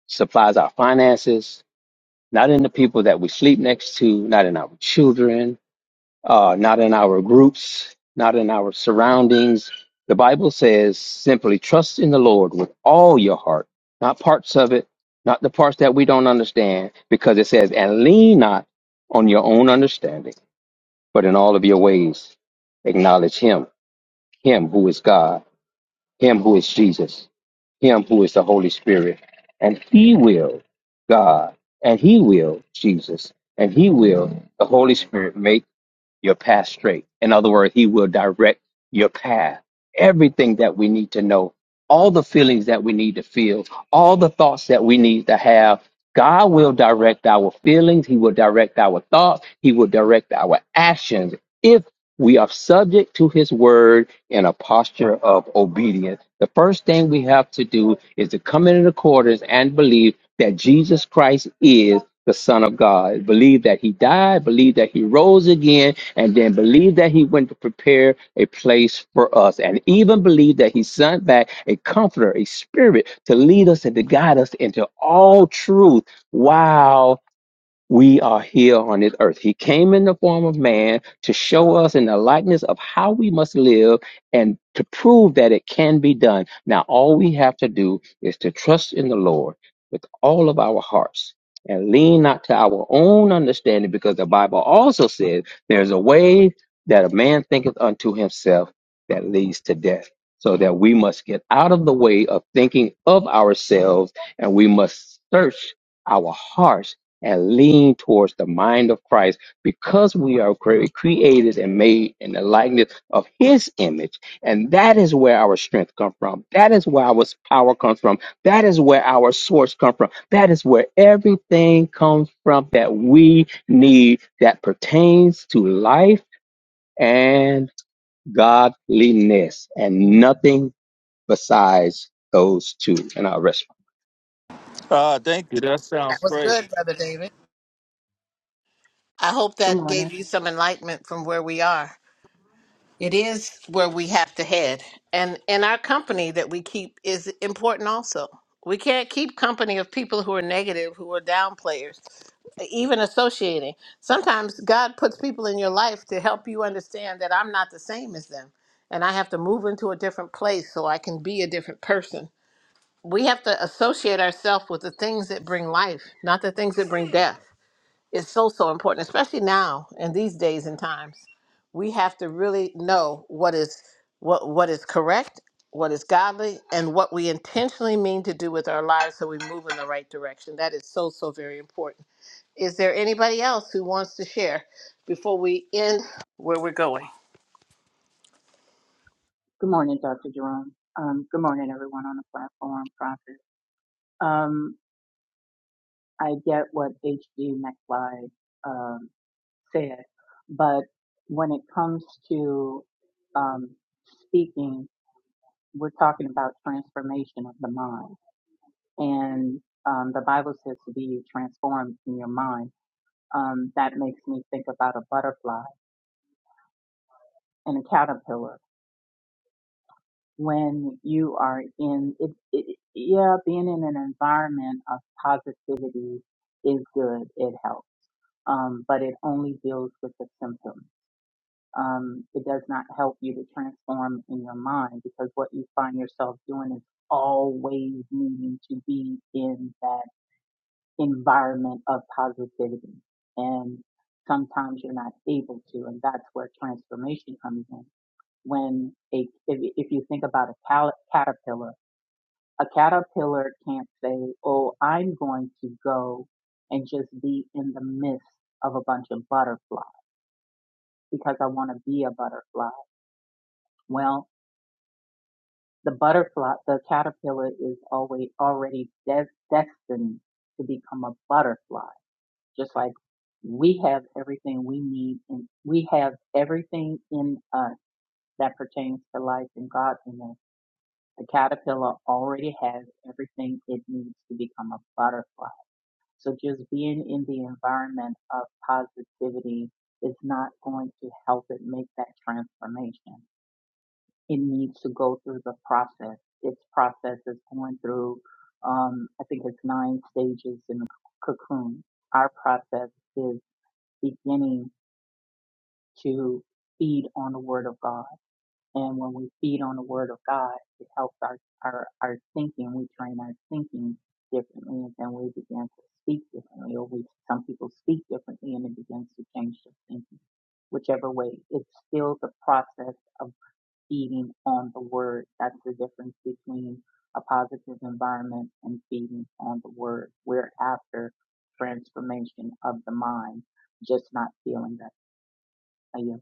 F: supplies our finances, not in the people that we sleep next to, not in our children, uh, not in our groups, not in our surroundings. The Bible says simply trust in the Lord with all your heart, not parts of it, not the parts that we don't understand, because it says, and lean not on your own understanding, but in all of your ways acknowledge Him, Him who is God, Him who is Jesus, Him who is the Holy Spirit, and He will, God, and He will, Jesus, and He will, the Holy Spirit make your path straight. In other words, He will direct your path. Everything that we need to know, all the feelings that we need to feel, all the thoughts that we need to have, God will direct our feelings. He will direct our thoughts. He will direct our actions If. We are subject to his word in a posture of obedience. The first thing we have to do is to come into accordance and believe that Jesus Christ is the Son of God. Believe that he died, believe that he rose again, and then believe that he went to prepare a place for us. And even believe that he sent back a comforter, a spirit to lead us and to guide us into all truth. Wow we are here on this earth. He came in the form of man to show us in the likeness of how we must live and to prove that it can be done. Now, all we have to do is to trust in the Lord with all of our hearts and lean not to our own understanding, because the Bible also says there's a way that a man thinketh unto himself that leads to death. So that we must get out of the way of thinking of ourselves and we must search our hearts and lean towards the mind of Christ because we are cre- created and made in the likeness of his image. And that is where our strength comes from. That is where our power comes from. That is where our source comes from. That is where everything comes from that we need that pertains to life and godliness and nothing besides those two. And I'll rest
H: Uh, thank you. That
B: That
H: sounds
B: was
H: great.
B: good, brother David. I hope
I: Good
B: that
I: morning.
B: gave you some enlightenment from where we are. It is where we have to head. And and our company that we keep is important also. We can't keep company of people who are negative, who are down players, even associating. Sometimes God puts people in your life to help you understand that I'm not the same as them and I have to move into a different place so I can be a different person. We have to associate ourselves with the things that bring life, not the things that bring death is so so important especially now in these days and times we have to really know what is what what is correct what is godly and what we intentionally mean to do with our lives so we move in the right direction that is so so very important is there anybody else who wants to share before we end where we're going
I: Good morning, Dr. Jerome. Um, good morning, everyone on the platform, Prophet. Um, I get what H.D. McFly um, said, but when it comes to um, speaking, we're talking about transformation of the mind. And um, the Bible says to be transformed in your mind. Um, that makes me think about a butterfly and a caterpillar. when you are in it, it yeah being in an environment of positivity is good it helps um but it only deals with the symptoms um it does not help you to transform in your mind because what you find yourself doing is always needing to be in that environment of positivity and sometimes you're not able to and that's where transformation comes in when a if, if you think about a cal- caterpillar a caterpillar can't say, oh, I'm going to go and just be in the midst of a bunch of butterflies because I want to be a butterfly. Well, the butterfly, the caterpillar is always already des- destined to become a butterfly, just like we have everything we need and we have everything in us that pertains to life and godliness. The caterpillar already has everything it needs to become a butterfly. So just being in the environment of positivity is not going to help it make that transformation. It needs to go through the process. Its process is going through, um, I think it's nine stages in the c- cocoon. Our process is beginning to feed on the word of God and when we feed on the word of God, it helps our, our, our thinking. We train our thinking differently and then we begin to speak differently or we, some people speak differently and it begins to change their thinking. Whichever way, it's still the process of feeding on the word. That's the difference between a positive environment and feeding on the word. We're after transformation of the mind, just not feeling that. Are you?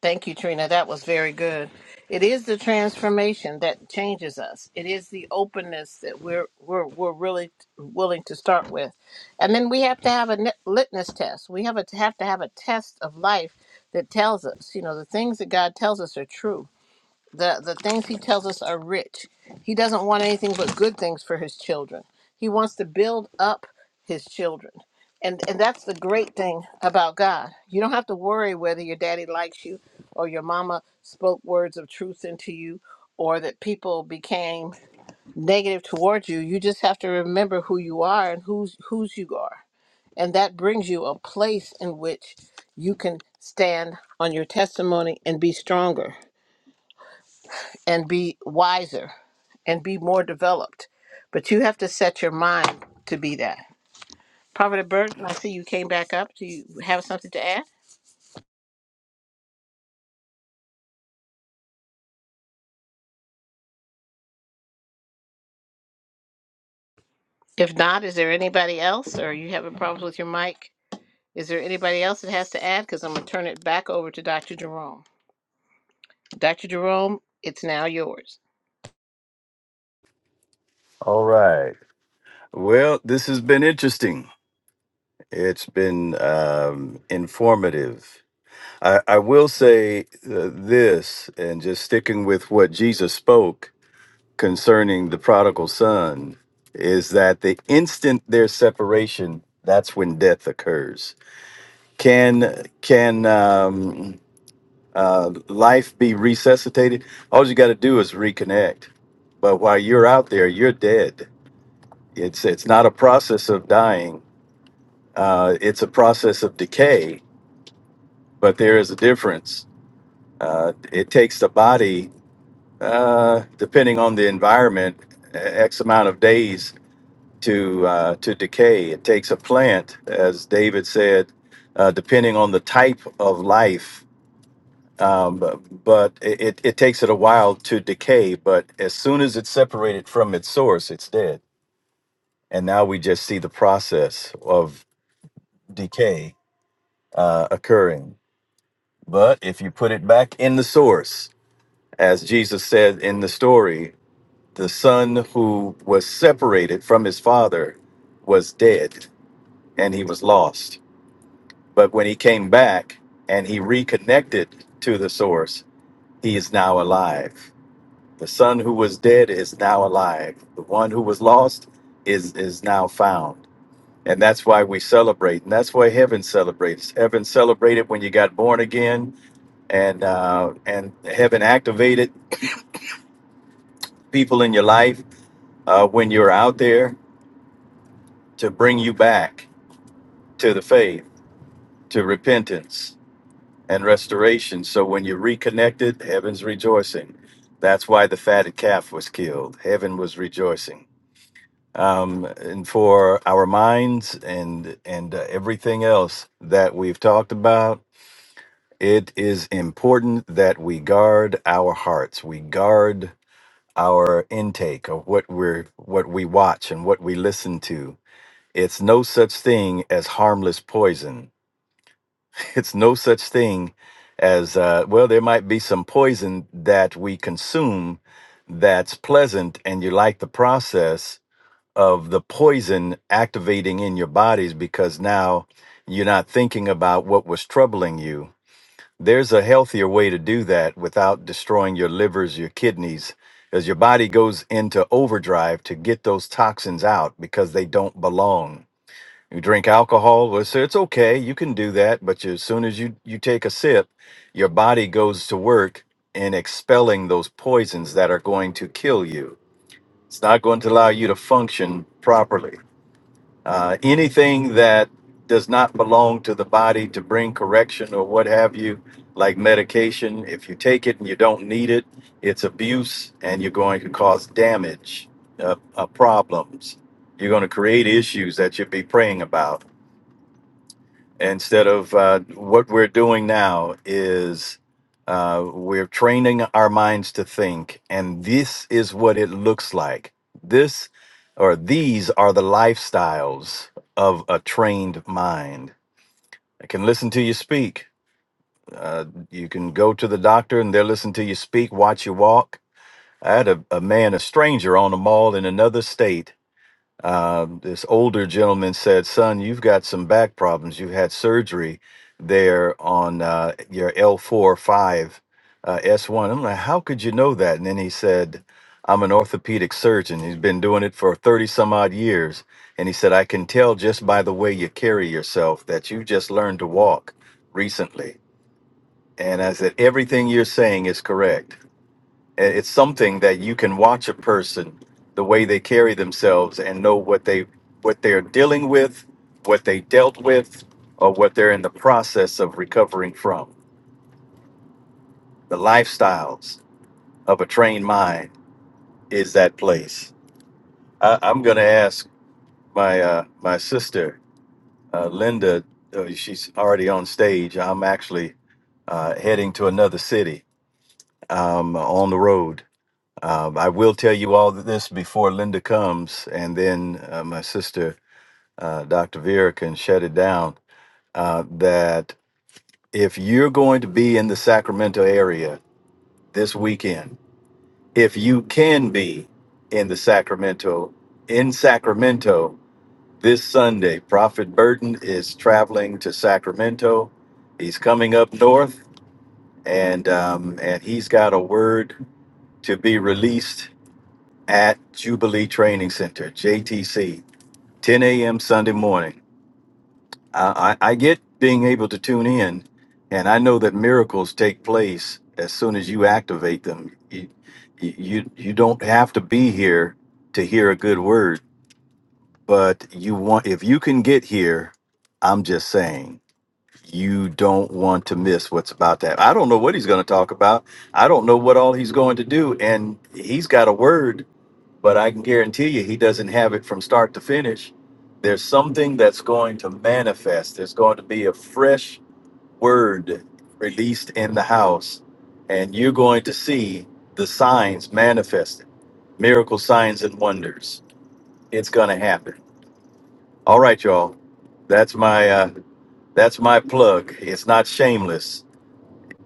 B: Thank you, Trina. That was very good. It is the transformation that changes us. It is the openness that we're we're we're really willing to start with, and then we have to have a nit- litmus test. We have a, have to have a test of life that tells us, you know, the things that God tells us are true the the things he tells us are rich. He doesn't want anything but good things for his children. He wants to build up his children. And and that's the great thing about God. You don't have to worry whether your daddy likes you or your mama spoke words of truth into you or that people became negative towards you. You just have to remember who you are and who's whose you are. And that brings you a place in which you can stand on your testimony and be stronger and be wiser and be more developed. But you have to set your mind to be that. Prophet Burton, I see you came back up. Do you have something to add? If not, is there anybody else or are you having problems with your mic? Is there anybody else that has to add? Because I'm going to turn it back over to Dr. Jerome. Dr. Jerome, it's now yours.
D: All right. Well, this has been interesting. It's been um, informative. I, I will say uh, this, and just sticking with what Jesus spoke concerning the prodigal son, is that the instant there's separation, that's when death occurs. Can can um, uh, life be resuscitated? All you got to do is reconnect. But while you're out there, you're dead. It's it's not a process of dying. Uh, it's a process of decay but there is a difference. Uh, it takes the body, uh, depending on the environment, x amount of days to uh, to decay. It takes a plant, as David said, uh, depending on the type of life. Um, bu- but it, it it takes it a while to decay. But as soon as it's separated from its source, it's dead. And now we just see the process of decay uh, occurring. But if you put it back in the source, As Jesus said in the story, the son who was separated from his father was dead and he was lost. But when he came back and he reconnected to the source, he is now alive. The son who was dead is now alive. The one who was lost is, is now found. And that's why we celebrate. And that's why heaven celebrates. Heaven celebrated when you got born again and uh, and heaven activated people in your life uh, when you're out there to bring you back to the faith, to repentance and restoration. So when you're reconnected, heaven's rejoicing. That's why the fatted calf was killed. Heaven was rejoicing. Um, and for our minds and and uh, everything else that we've talked about, it is important that we guard our hearts. We guard our intake of what we're what we watch and what we listen to It's no such thing as harmless poison. It's no such thing as, uh, well, there might be some poison that we consume that's pleasant and you like the process of the poison activating in your bodies because now you're not thinking about what was troubling you. There's a healthier way to do that without destroying your livers, your kidneys, as your body goes into overdrive to get those toxins out because they don't belong you drink alcohol let's say it's okay you can do that but you, as soon as you you take a sip your body goes to work in expelling those poisons that are going to kill you it's not going to allow you to function properly uh, anything that does not belong to the body to bring correction or what have you like medication if you take it and you don't need it it's abuse and you're going to cause damage uh, uh, problems you're going to create issues that you'd be praying about instead of uh, what we're doing now is uh, we're training our minds to think and this is what it looks like this or these are the lifestyles of a trained mind i can listen to you speak uh, you can go to the doctor and they'll listen to you speak watch you walk i had a, a man a stranger on a mall in another state um, this older gentleman said, "Son, you've got some back problems. You've had surgery there on uh, your L4 5 uh, S1." I'm like, "How could you know that?" And then he said, "I'm an orthopedic surgeon. He's been doing it for 30 some odd years." And he said, "I can tell just by the way you carry yourself that you just learned to walk recently." And I said, "Everything you're saying is correct." it's something that you can watch a person the way they carry themselves and know what they what they're dealing with what they dealt with or what they're in the process of recovering from the lifestyles of a trained mind is that place I, i'm going to ask my uh, my sister uh, linda uh, she's already on stage i'm actually uh, heading to another city um, on the road Um, I will tell you all this before Linda comes, and then uh, my sister, uh, Dr. Vera, can shut it down. Uh, that if you're going to be in the Sacramento area this weekend, if you can be in the Sacramento, in Sacramento this Sunday, Prophet Burton is traveling to Sacramento. He's coming up north, and um, and he's got a word to be released at Jubilee Training Center, JTC, 10 a.m. Sunday morning. I, I, I get being able to tune in, and I know that miracles take place as soon as you activate them. You, you, you don't have to be here to hear a good word, but you want if you can get here, I'm just saying. You don't want to miss what's about that. I don't know what he's going to talk about. I don't know what all he's going to do. And he's got a word but I can guarantee you he doesn't have it from start to finish. There's something that's going to manifest. There's going to be a fresh word released in the house, and you're going to see the signs manifested miracle signs and wonders. It's going to happen. All right, y'all. That's my uh, that's my plug. It's not shameless.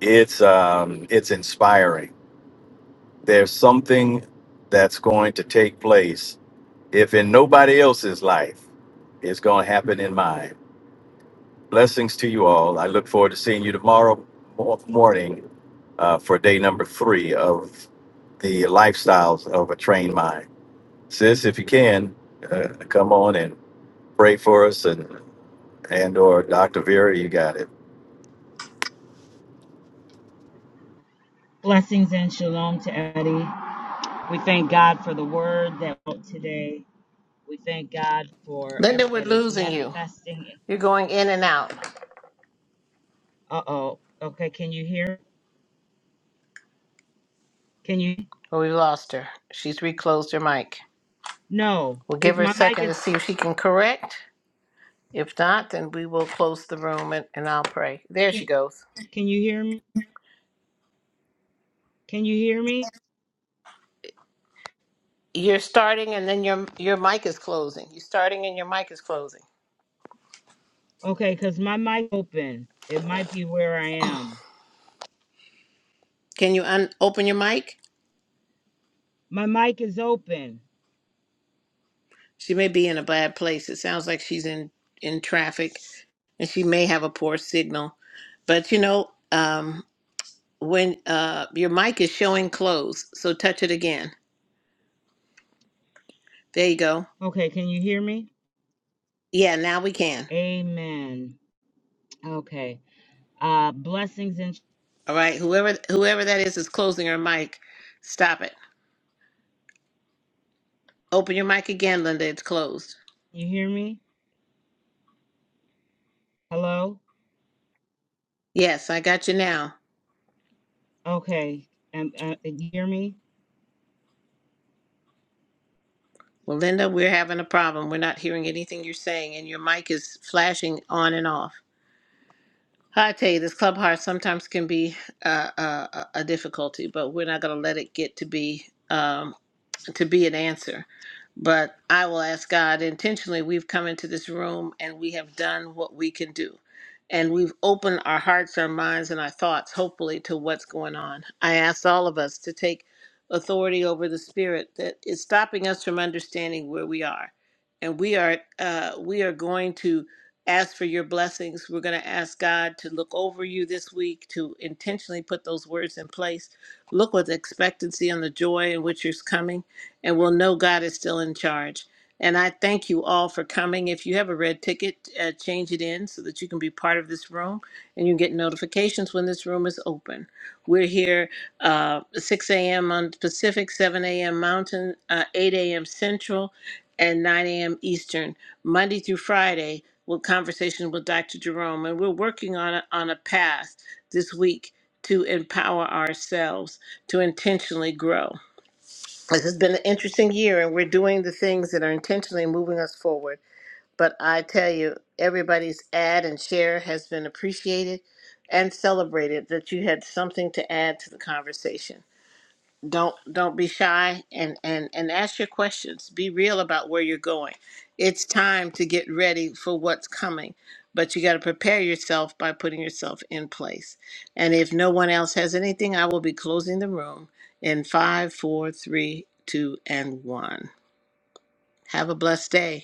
D: It's um, it's inspiring. There's something that's going to take place If in nobody else's life, it's going to happen in mine. Blessings to you all. I look forward to seeing you tomorrow mo- morning uh, for day number three of the lifestyles of a trained mind. Sis, if you can, uh, come on and pray for us and and or Dr. Vera, you got it.
J: Blessings and shalom to Eddie. We thank God for the word that went today. We thank God for
B: Linda, we're
J: everything that is
B: losing you.
J: manifesting.
B: You're going in and out.
J: Uh oh. Okay, can you hear? Can you?
B: Well, we lost her. She's reclosed her mic.
J: No.
B: We'll
J: Is
B: give her a
J: my mic
B: second
J: is?
B: to see if she can correct. If not, then we will close the room and, and I'll pray. There she
J: Can
B: goes.
J: Can you hear me? Can you hear me?
B: You're starting and then your your mic is closing. You're starting and your mic is closing.
J: Okay, cause my mic open. It might be where I am.
B: Can you un- open your mic?
J: My mic is open.
B: She may be in a bad place. It sounds like she's in in traffic and she may have a poor signal. But you know, um when uh your mic is showing closed, so touch it again. There you go.
J: Okay, can you hear me?
B: Yeah, now we can.
J: Amen. Okay. Uh, blessings and
B: All right. Whoever whoever that is is closing her mic. Stop it. Open your mic again, Linda. It's closed.
J: you hear me? Hello.
B: Yes, I got you now.
J: Okay. And uh, you hear me?
B: Well, Linda, we're having a problem. We're not hearing anything you're saying, and your mic is flashing on and off. I tell you, this Clubhouse sometimes can be uh, uh, a a difficulty, but we're not going to let it get to be. um, to be an answer. But I will ask God intentionally, we've come into this room and we have done what we can do. And we've opened our hearts, our minds, and our thoughts, hopefully, to what's going on. I ask all of us to take authority over the spirit that is stopping us from understanding where we are. And we are uh, we are going to ask for your blessings. We're going to ask God to look over you this week, to intentionally put those words in place. Look with expectancy on the joy in which you're coming and we'll know God is still in charge. And I thank you all for coming. If you have a red ticket, uh, change it in so that you can be part of this room and you get notifications when this room is open. We're here uh, 6 a.m. on Pacific, 7 a.m. Mountain, uh, 8 a.m. Central, and 9 a.m. Eastern, Monday through Friday, with conversation with Dr. Jerome. And we're working on a, on a path this week to empower ourselves to intentionally grow this has been an interesting year and we're doing the things that are intentionally moving us forward but i tell you everybody's add and share has been appreciated and celebrated that you had something to add to the conversation don't don't be shy and and and ask your questions be real about where you're going it's time to get ready for what's coming but you got to prepare yourself by putting yourself in place and if no one else has anything i will be closing the room in five four three two and one have a blessed day